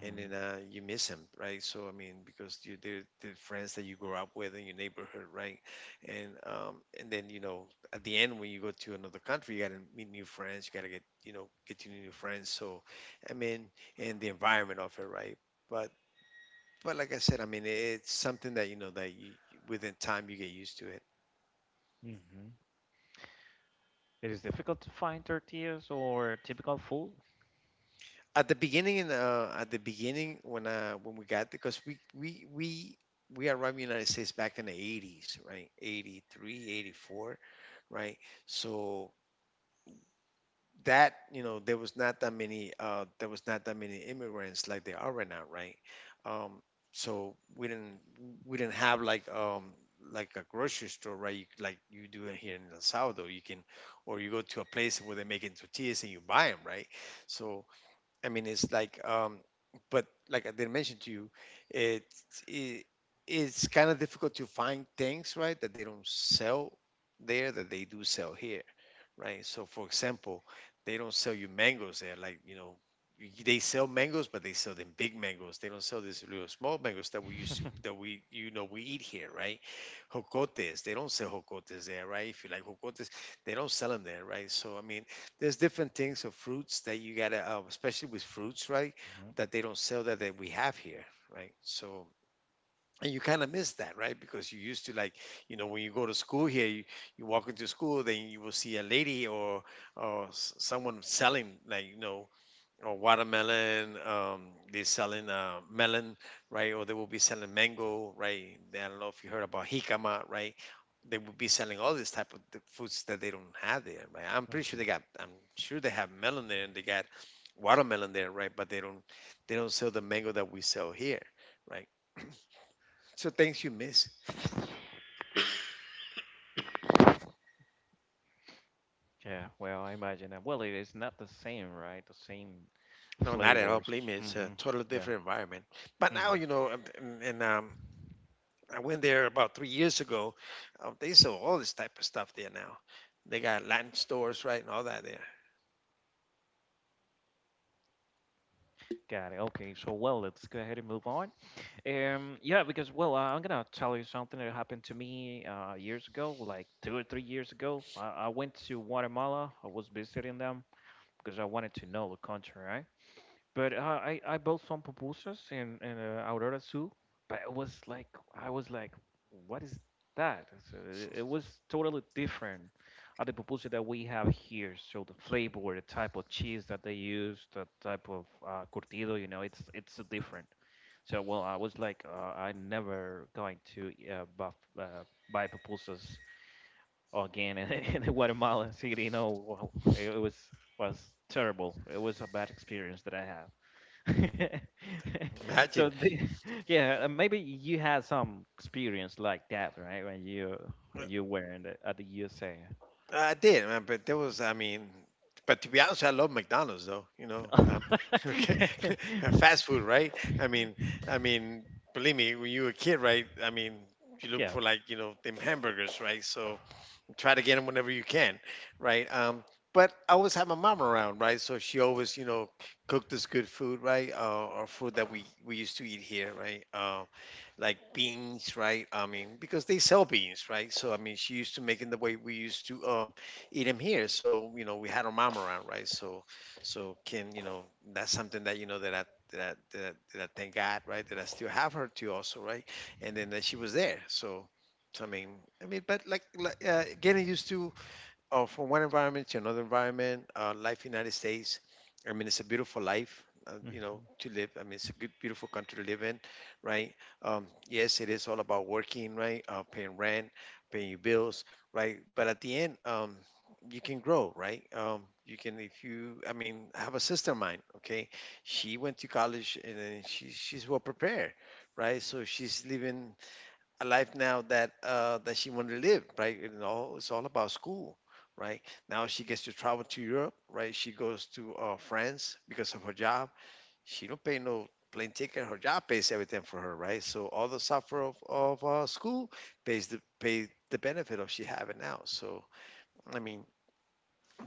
And then you miss them, right? So I mean, because you they're the friends that you grew up with in your neighborhood, right? And and then, you know, at the end, when you go to another country, you got to meet new friends, you got to get you new friends. So I mean, and the environment of it, right? But like I said, I mean, it's something, that you know, that you within time you get used to it. Mm-hmm. It is difficult to find tortillas or typical food. At the beginning, when we got, because we arrived in the United States back in the 80s, right? 83, 84, right? So that, you know, there was not that many immigrants like there are right now, right? um so we didn't have like a grocery store, right? you, like you do it here in El Salvador, you can, or you go to a place where they're making tortillas and you buy them, right? So I mean, it's like, but like I did not mention to you, it, it it's kind of difficult to find things, right, that they don't sell there that they do sell here, right? So, for example, they don't sell you mangoes there. Like, you know, y- they sell mangoes, but they sell them big mangoes. They don't sell these little small mangoes that that we, we eat here, right? Jocotes, they don't sell jocotes there, right? If you like jocotes, they don't sell them there, right? So, I mean, there's different things of fruits that especially with fruits, right? That they don't sell that we have here, right? So and you kind of miss that, right? Because you used to, like when you go to school here, you walk into school, then you will see a lady or someone selling, like or watermelon. They're selling melon, right? Or they will be selling mango, right? I don't know if you heard about jicama, right? They will be selling all these type of the foods that they don't have there, right? I'm Mhm, pretty sure they mhm. got, I'm sure they have melon there and they got watermelon there, right? But they don't sell the mango that we sell here, right? So things you miss. Yeah, well, I imagine that. Well, it is not the same, right? The same. Right. No, not at all. Flavors. Believe me, it's a Hmm totally Yeah. different environment. But hmm now, and I went there about 3 years ago. They sell all this type of stuff there now. They got Latin stores, right, and all that there. Got it. Okay, so well, let's go ahead and move on. Yeah, because well, I'm gonna tell you something that happened to me years ago, like 2 or 3 years ago. I went to Guatemala. I was visiting them because I wanted to know the country, right? But I bought some pupusas in in Aurora Zoo, but it was like I was like, what is that? So it was totally different at the pupusa that we have here. So the flavor, the type of cheese that they use, the type of curtido, you know, it's different. So well, I was like, I'm never going to buy pupusas again in, in Guatemala City. You know, it was terrible. It was a bad experience that I had. Imagine. So yeah, maybe you had some experience like that, right? When you Uh, when you were in the at the USA. I did, man, but I mean, but to be honest, I love McDonald's though. You know, okay, fast food, right? I mean, I mean, believe me, when you were a kid, right? I mean, you look Yeah. for like them hamburgers, right? So try to get them whenever you can, right? But I always had my mom around, right? So she always cooked us good food, right? Or food that we used to eat here, right? Like beans, right? I mean, because they sell beans, right? So I mean, she used to make them the way we used to eat them here. So, we had our mom around, right? So, so can you know that's something, that you know, that that I- that, I thank God, right? That I still have her too, also, right? And then that she was there. So, I mean, but like getting used to, from one environment to another environment. Life in the United States, I mean, it's a beautiful life, Mhm, to live. I mean, it's a good, beautiful country to live in, right? Yes, it is all about working, right? Paying rent, paying your bills, right? But at the end, you can grow, right? You can, if you, I mean, I have a sister of mine, okay? She went to college and then she's well prepared, right? So she's living a life now that she wanted to live, right? You know, it's all about school, right? Now she gets to travel to Europe, right? She goes to France because of her job. She don't pay no plane ticket. Her job pays everything for her, right? So all the suffer of school, pay the benefit of she having now. So I mean,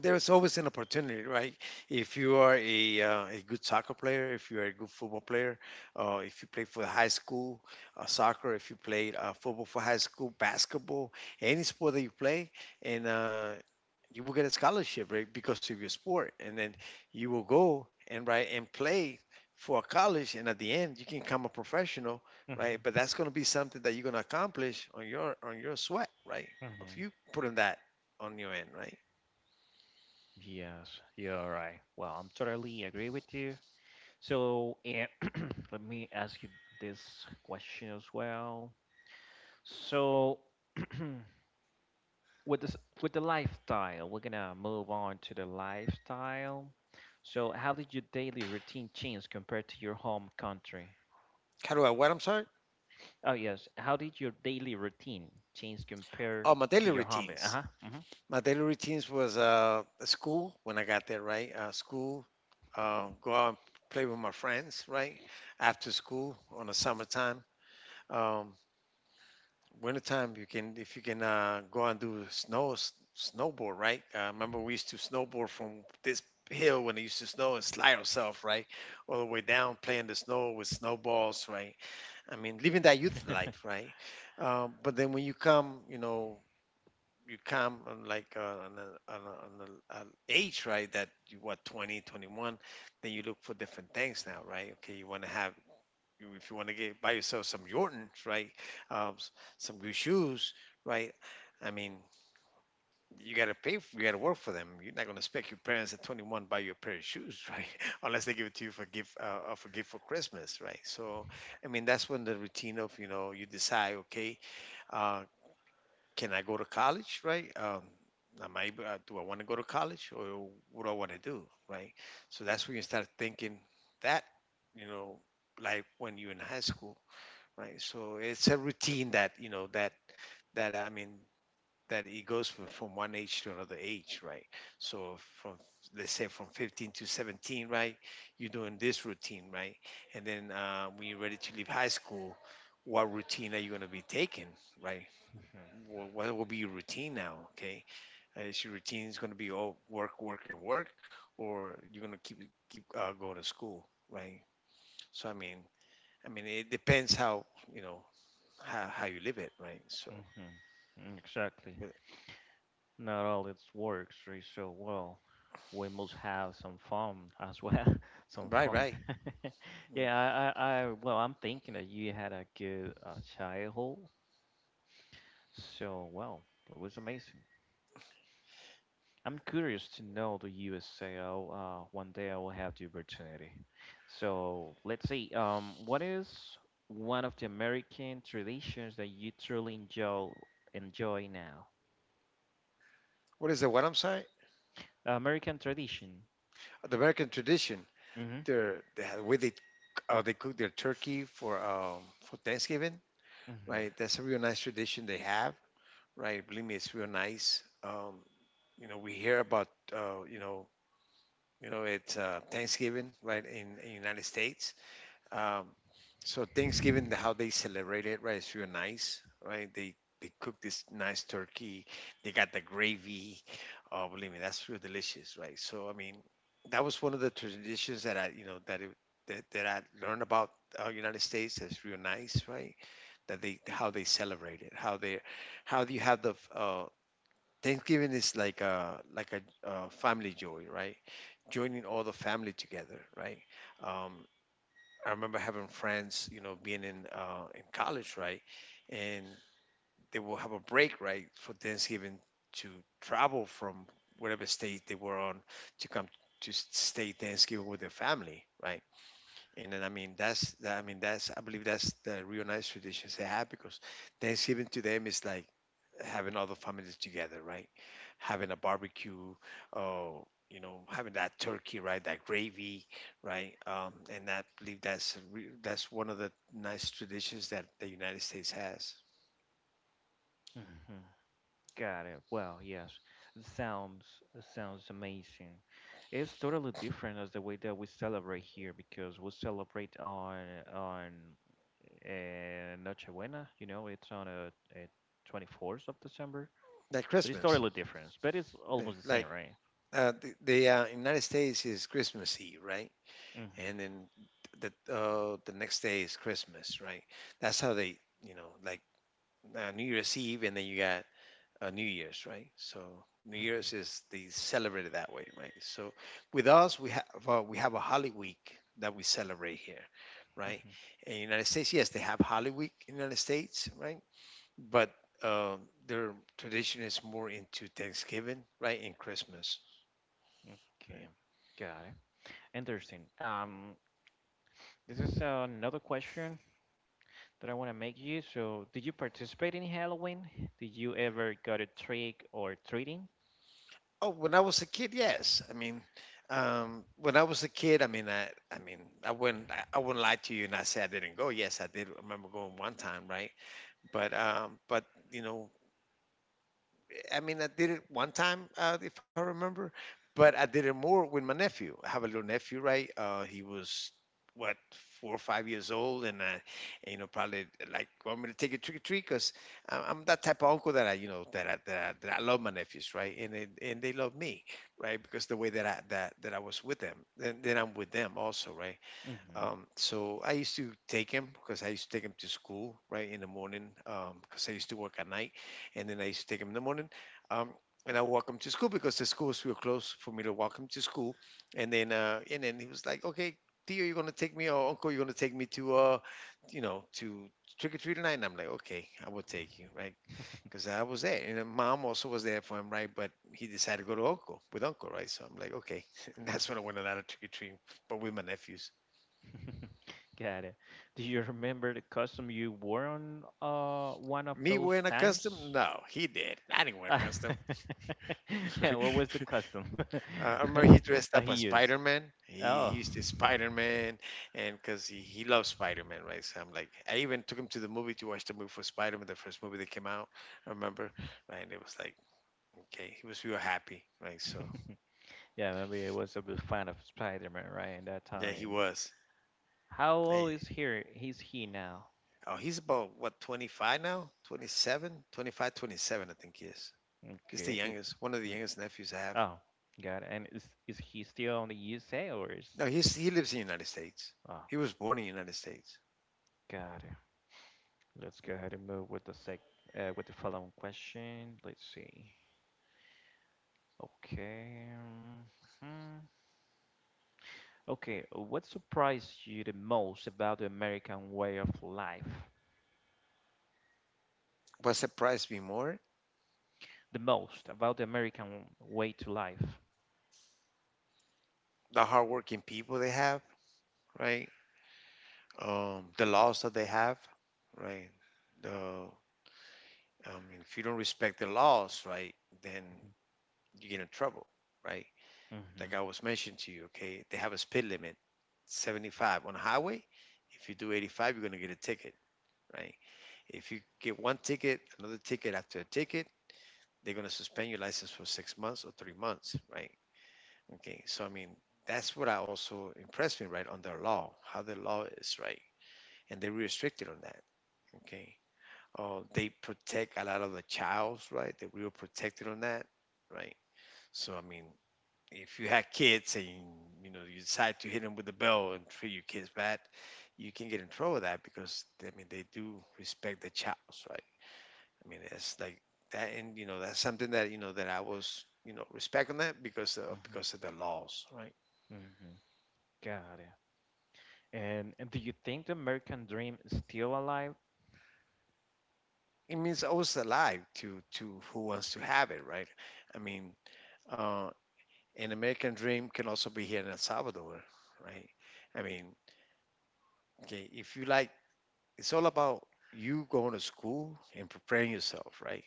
there's always an opportunity, right? If you are a good soccer player, if you are a good football player, if you play for high school soccer, if you play football for high school, basketball, any sport that you play, and you will get a scholarship, right? Because of your sport, and then you will go and, right, and play for a college, and at the end you can become a professional, right? mhm, But that's going to be something that you're going to accomplish on your sweat, right? If mhm. you put in that on your end, right? Yes, you're right. Well, I'm totally agree with you. So, let me ask you this question as well. So, with this with the lifestyle, we're gonna move on to the lifestyle. So how did your daily routine change compared to your home country? How do I what? I'm sorry. Oh yes, how did your daily routine change compared Oh, my to daily your home? routines. Uh-huh. Mm-hmm. My daily routines was school when I got there, right? School, go out and play with my friends, right? After school on the summertime. Um, Wintertime, you can, if you can, go out and do snowboard, right? Remember we used to snowboard from this hill when it used to snow and slide ourselves, right, all the way down, playing the snow with snowballs, right? I mean, living that youth life, right? But then when you come you come on like on a age, right, that you what? 20 21. Then you look for different things now, right? Okay, you want to have, you- if you want to get buy yourself some Jordans, right? um, s- some good shoes, right? I mean, you got to work for them. You're not going to expect your parents at 21 buy you a pair of shoes, right, unless they give it to you for gift for gift for Christmas, right? So I mean, that's when the routine of, you know, you decide, okay, uh, can I go to college, right? Am I able, do I want to go to college, or what do I want to do, right? So that's when you start thinking that, you know, like when you're in high school, right? So it's a routine that, you know, that, that I mean, that it goes from one age to another age, right? So, from, let's say, from 15 to 17, right? You're doing this routine, right? And then when you're ready to leave high school, what routine are you going to be taking, right? What will be your routine now? Okay, is your routine is going to be all work, work, and work, or you're going to keep go to school, right? So I mean, it depends you know how you live it, right? So, hmm Exactly, but, not all its works really. So well, we must have some fun as well. Some right, fun. right. Yeah. Yeah, I'm thinking that you had a good childhood. So, well, it was amazing. I'm curious to know the USAO. One day I will have the opportunity. So, let's see. What is one of the American traditions that you truly enjoy now? What, I'm sorry? American tradition. The American tradition, Mm-hmm. the way they they cook their turkey for for Thanksgiving, right? That's a real nice tradition they have, right? Believe me, it's real nice. We hear about it's Thanksgiving, right, in United States. Um, so Thanksgiving, how they celebrate it, right, is real nice, right? They cook this nice turkey. They got the gravy. Oh, believe me, that's real delicious, right? So I mean, that was one of the traditions that I, you know, that it, that, that I learned about United States. That's real nice, right? That they How they celebrate it, how do you have the Thanksgiving is like a like a family joy, right? Joining all the family together, right? Um, I remember having friends, being in college, right, and they will have a break, right, for Thanksgiving to travel from whatever state they were on to come to stay Thanksgiving with their family, right? And then I mean that's that, I mean that's I believe that's the real nice traditions they have because Thanksgiving to them is like having all the families together, right? Having a barbecue, oh, having that turkey, right? That gravy, right? And I believe that's one of the nice traditions that the United States has. Mm-hmm. Got it. Well, yes, it sounds it sounds amazing. It's totally different as the way that we celebrate here because we celebrate on on Nochebuena. You know, it's on a 24th of December, Like but it's Christmas, totally different. But it's almost the same, like right? the United States is Christmas Eve, right? Mm-hmm. And then the next day is Christmas, right? That's how they, like New Year's Eve, and then you got New Year's, right? So New Year's is the celebrated that way, right? So with us, we have a Holy Week that we celebrate here, right? Mhm. In the United States, yes, they have Holy Week in the United States, right? But uh, their tradition is more into Thanksgiving, right, and Christmas. Okay, got it. Interesting. This is another question that I want to make you. So, did you participate in Halloween? Did you ever got a trick or treating? Oh, when I was a kid, yes. I mean, when I was a kid, I mean, I wouldn't, I wouldn't lie to you, and I say I didn't go. Yes, I did remember going one time, right? But you know, I mean, I did it one time, if I remember, but I did it more with my nephew. I have a little nephew, right? He was what 4 or 5 years old, and I probably like want me to take a trick or treat because I'm that type of uncle that I love my nephews, right? And they love me, right? Because the way that I that that I was with them, then I'm with them also, right? Mm-hmm. So I used to take him because I used to take him to school right in the morning because I used to work at night, and then I used to take him in the morning, um, and I would walk him to school because the schools were close for me to walk him to school, and then he was like, okay. Theo, you're gonna take me, or Uncle, you're gonna take me to trick or treat tonight. And I'm like, okay, I will take you, right? Because I was there, and then Mom also was there for him, right? But he decided to go to Uncle with Uncle, right? So I'm like, okay, and that's when I went a lot of trick or treating, but with my nephews. Got it. Do you remember the costume you wore on one of Me those wearing a costume? times? No, he did. I didn't wear a Ah, costume. and what was the uh, costume I remember he dressed that up he as used? Spider Man. He Oh. used to Spider Man, and because he loves Spider Man, right? So I'm like, I even took him to the movie to watch the movie for Spider Man, the first movie that came out, I remember, right? And it was like, okay, he was real happy, right? So Yeah, maybe it was a big fan of Spider-Man, right, in that yeah, he time. was. How Yeah. old is he? He now? Oh, he's about what 25 now? 27, 25, 27, I think he is. He's the Okay. Youngest, one of the mm, youngest nephews I have. Oh, got it. And is he still on the USA or is? No, he lives in the United States. Oh, He was born in the United States. got it. Let's go ahead and move with the sec with the following question. Let's see. Okay. mm, mhm. Okay. What surprised you the most about the American way of life? What surprised me more? The most about the American way to life. The hardworking people they have, right? The laws that they have, right? The I mean, if you don't respect the laws, right, then you get in trouble, right? Like Mm-hmm. I was mentioning to you, okay, they have a speed limit, 75 on a highway. If you do 85, you're gonna get a ticket, right? If you get one ticket, another ticket after a ticket, they're gonna suspend your license for 6 months or 3 months, right? Okay, so I mean, that's what I also impressed me, right, on their law, how the law is, right? And they're restricted on that, okay? Oh, they protect a lot of the childs, right? They're real protected on that, right? So, I mean, if you had kids and you decide to hit them with the bell and treat your kids bad, you can get in trouble with that because, I mean, they do respect the childs, right? I mean, it's like that, and that's something that, that I was respecting that because of, Mm-hmm. because of the laws, right? Mm-hmm. Got it. And do you think the American dream is still alive? It means always alive to who wants to have it, right? I mean, uh, an American dream can also be here in El Salvador, right? I mean, okay, if you like, it's all about you going to school and preparing yourself, right,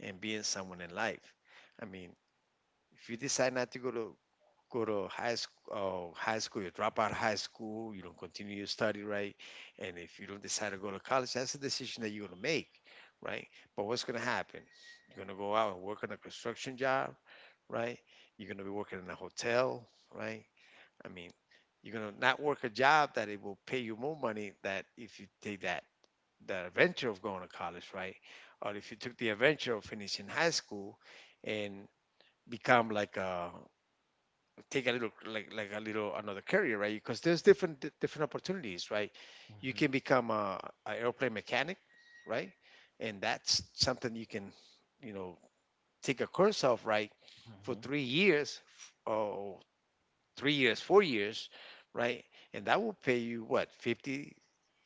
and being someone in life. I mean, if you decide not to go to high school, you drop out of high school, you don't continue your study, right? And if you don't decide to go to college, that's a decision that you're gonna make, right? But what's gonna happen? You're gonna go out and work on a construction job, right? You're gonna be working in a hotel, right? I mean, you're gonna not work a job that it will pay you more money that if you take that adventure of going to college, right? Or if you took the adventure of finishing high school and become like a take a little, like a little, another career, right? Because there's different different opportunities, right? You can Mm-hmm. become a airplane mechanic, right? And that's something you can, you know, take a course of, right? For Mm-hmm. 3 years, 4 years, right? And that will pay you what 50,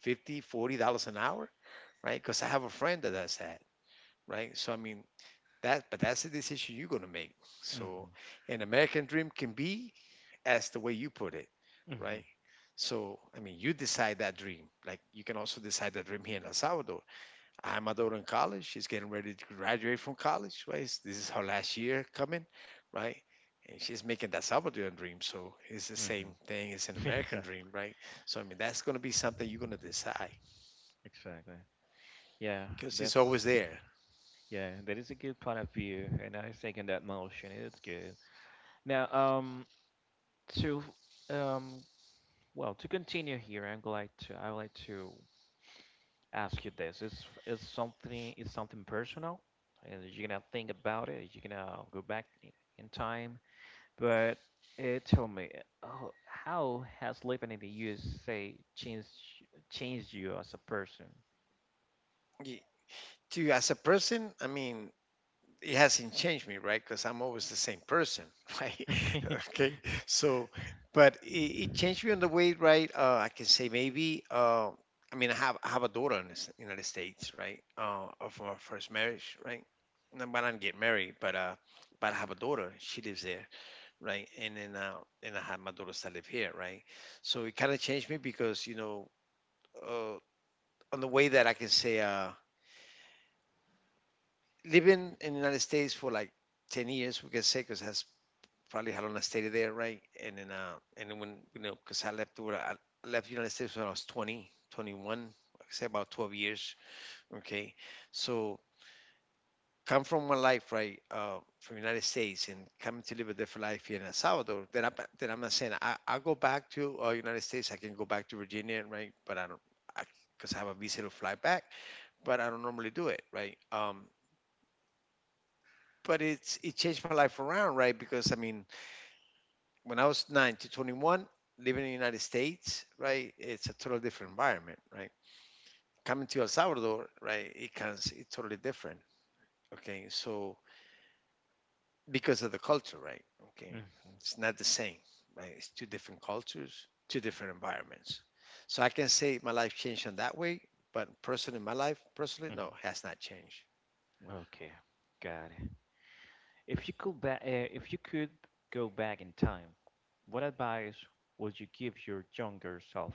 50, $40 an hour, right? Because I have a friend that does that, right? So I mean, but that's the decision you're gonna make. So, Mm-hmm. an American dream can be, as the way you put it, Mm-hmm. right? So, I mean, you decide that dream. Like, you can also decide that dream here in El Salvador. I have my daughter in college. She's getting ready to graduate from college, right? This is her last year coming, right? And she's making that Salvadoran dream. So, it's the same thing. It's an Mm-hmm. American Exactly. dream, right? So, I mean, that's gonna be something you're gonna decide Exactly. Yeah, because it's always that's there. yeah, that is a good point of view, and I second that motion. It's good. Now, to um, to continue here, I would like to ask you this: is something, is something personal, and you're gonna think about it, you're gonna go back in time, but tell me, oh, how has living in the USA changed you as a person? To you as a person, I mean, it hasn't changed me, right? Because I'm always the same person, right? Okay, so but it changed me on the way, right? I can say maybe. I mean, I have a daughter in the United States, right? From our first marriage, right? No, but I didn't get married, but I have a daughter. She lives there, right? And I have my daughters that live here, right? So it kind of changed me because uh, on the way that I can say, living in the United States for like 10 years, we can say, because has probably how long I stayed there, right? And then because I left when I left the United States when I was 20, 21, like I say about 12 years. Okay, so come from my life, right, from the United States, and coming to live a different life here in El Salvador. Then I'm not saying I go back to United States. I can go back to Virginia, right? But I don't. Because I, 'cause I have a visa to fly back, but I don't normally do it, right? But it changed my life around, right? Because I mean, when I was nine to 21, living in the United States, right, it's a totally different environment, right? Coming to El Salvador, right, it's totally different, okay? So because of the culture, right? Okay, Mhm, it's not the same, right? It's two different cultures, two different environments. So I can say my life changed in that way, but personally, my life, personally, no, has not changed. mhm. Okay, got it. If you could if you could go back in time, what advice would you give your younger self?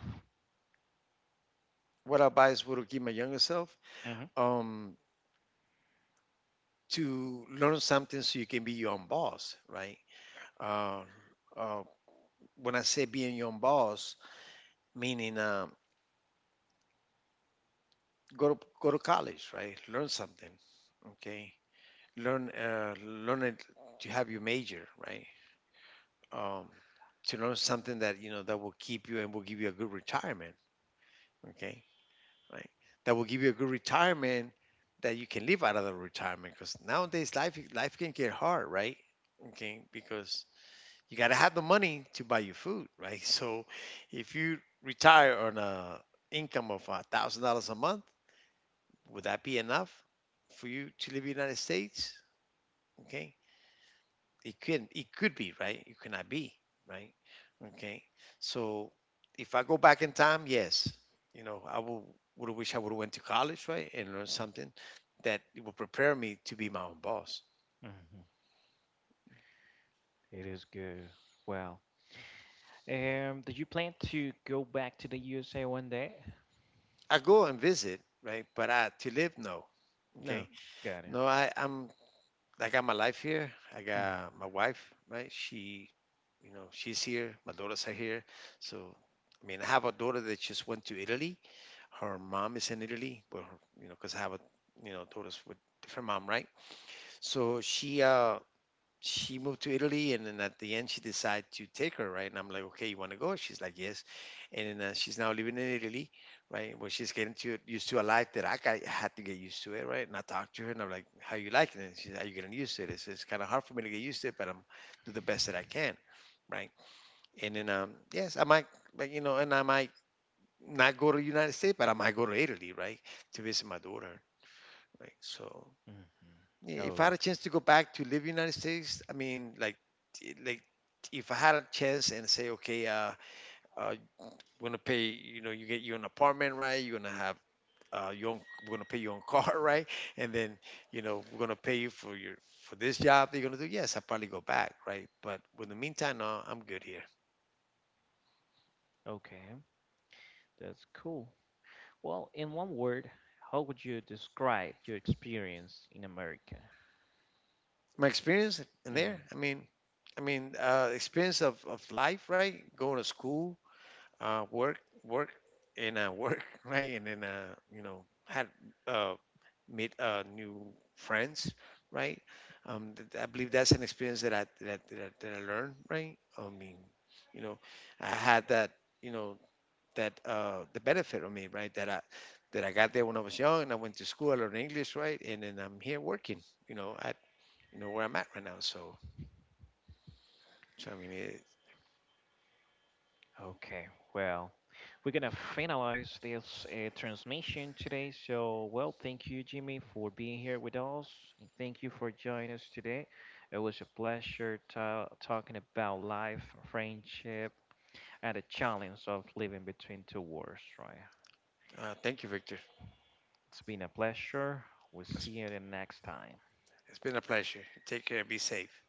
What advice would I give my younger self? Mhm, Um, to learn something so you can be your own boss, right? Uh, uh, when I say being your own boss, meaning go to college, right? Learn something, okay? Learn it to have your major, right? Um, to learn something that you know that will keep you and will give you a good retirement, okay? Right? That will give you a good retirement that you can live out of the retirement, because nowadays life can get hard, right? Okay, because you got to have the money to buy you food, right? So if you retire on a income of $1,000 a month, would that be enough for you to live in the United States? Okay, it could be right. It cannot be right. Okay, so if I go back in time, yes, I will would have wished I would have went to college, right, and learned something that will prepare me to be my own boss. mhm. It is good. Well, did you plan to go back to the USA one day? I go and visit, right, but I to live, no. No, Okay, got it. no, I got my life here. I Mhm, got my wife, right? She's here. My daughters are here. So, I mean, I have a daughter that just went to Italy. Her mom is in Italy, but her, because I have a, daughters with different mom, right? So she moved to Italy, and then at the end she decided to take her, right. And I'm like, okay, you want to go? She's like, yes. And then she's now living in Italy, right? Where she's getting to used to a life that I had to get used to it, right? And I talked to her, and I'm like, how you like it? And she's, are you getting used to it? It's kind of hard for me to get used to it, but I'm do the best that I can, right? And then yes, I might, but and I might not go to the United States, but I might go to Italy, right, to visit my daughter, right? So mhm. if I had a Okay, chance to go back to live in the United States, I mean, like if I had a chance and say, okay, uh, we're gonna pay, you get your own apartment, right? You're gonna have we're gonna pay your own car, right? And then, we're gonna pay you for this job that you're gonna do. Yes, I'll probably go back, right? But in the meantime, no, I'm good here. okay, that's cool. Well, in one word, how would you describe your experience in America? My experience in there, I mean, experience of life, right? Going to school, uh, work work and a work, right. And then had uh made new friends, right. I believe that's an experience that I learned, right. I mean, you know I had that you know that the benefit of me, right, that I got there when I was young, and I went to school, I learned English, right. And then I'm here working, at, where I'm at right now. So I mean, Okay, well, we're gonna finalize this transmission today. So, well, thank you, Jimmy, for being here with us. And thank you for joining us today. It was a pleasure ta talking about life, friendship, and the challenge of living between two worlds, right? Thank you, Victor. It's been a pleasure. We'll it's, see you the next time. it's been a pleasure. Take care, be safe.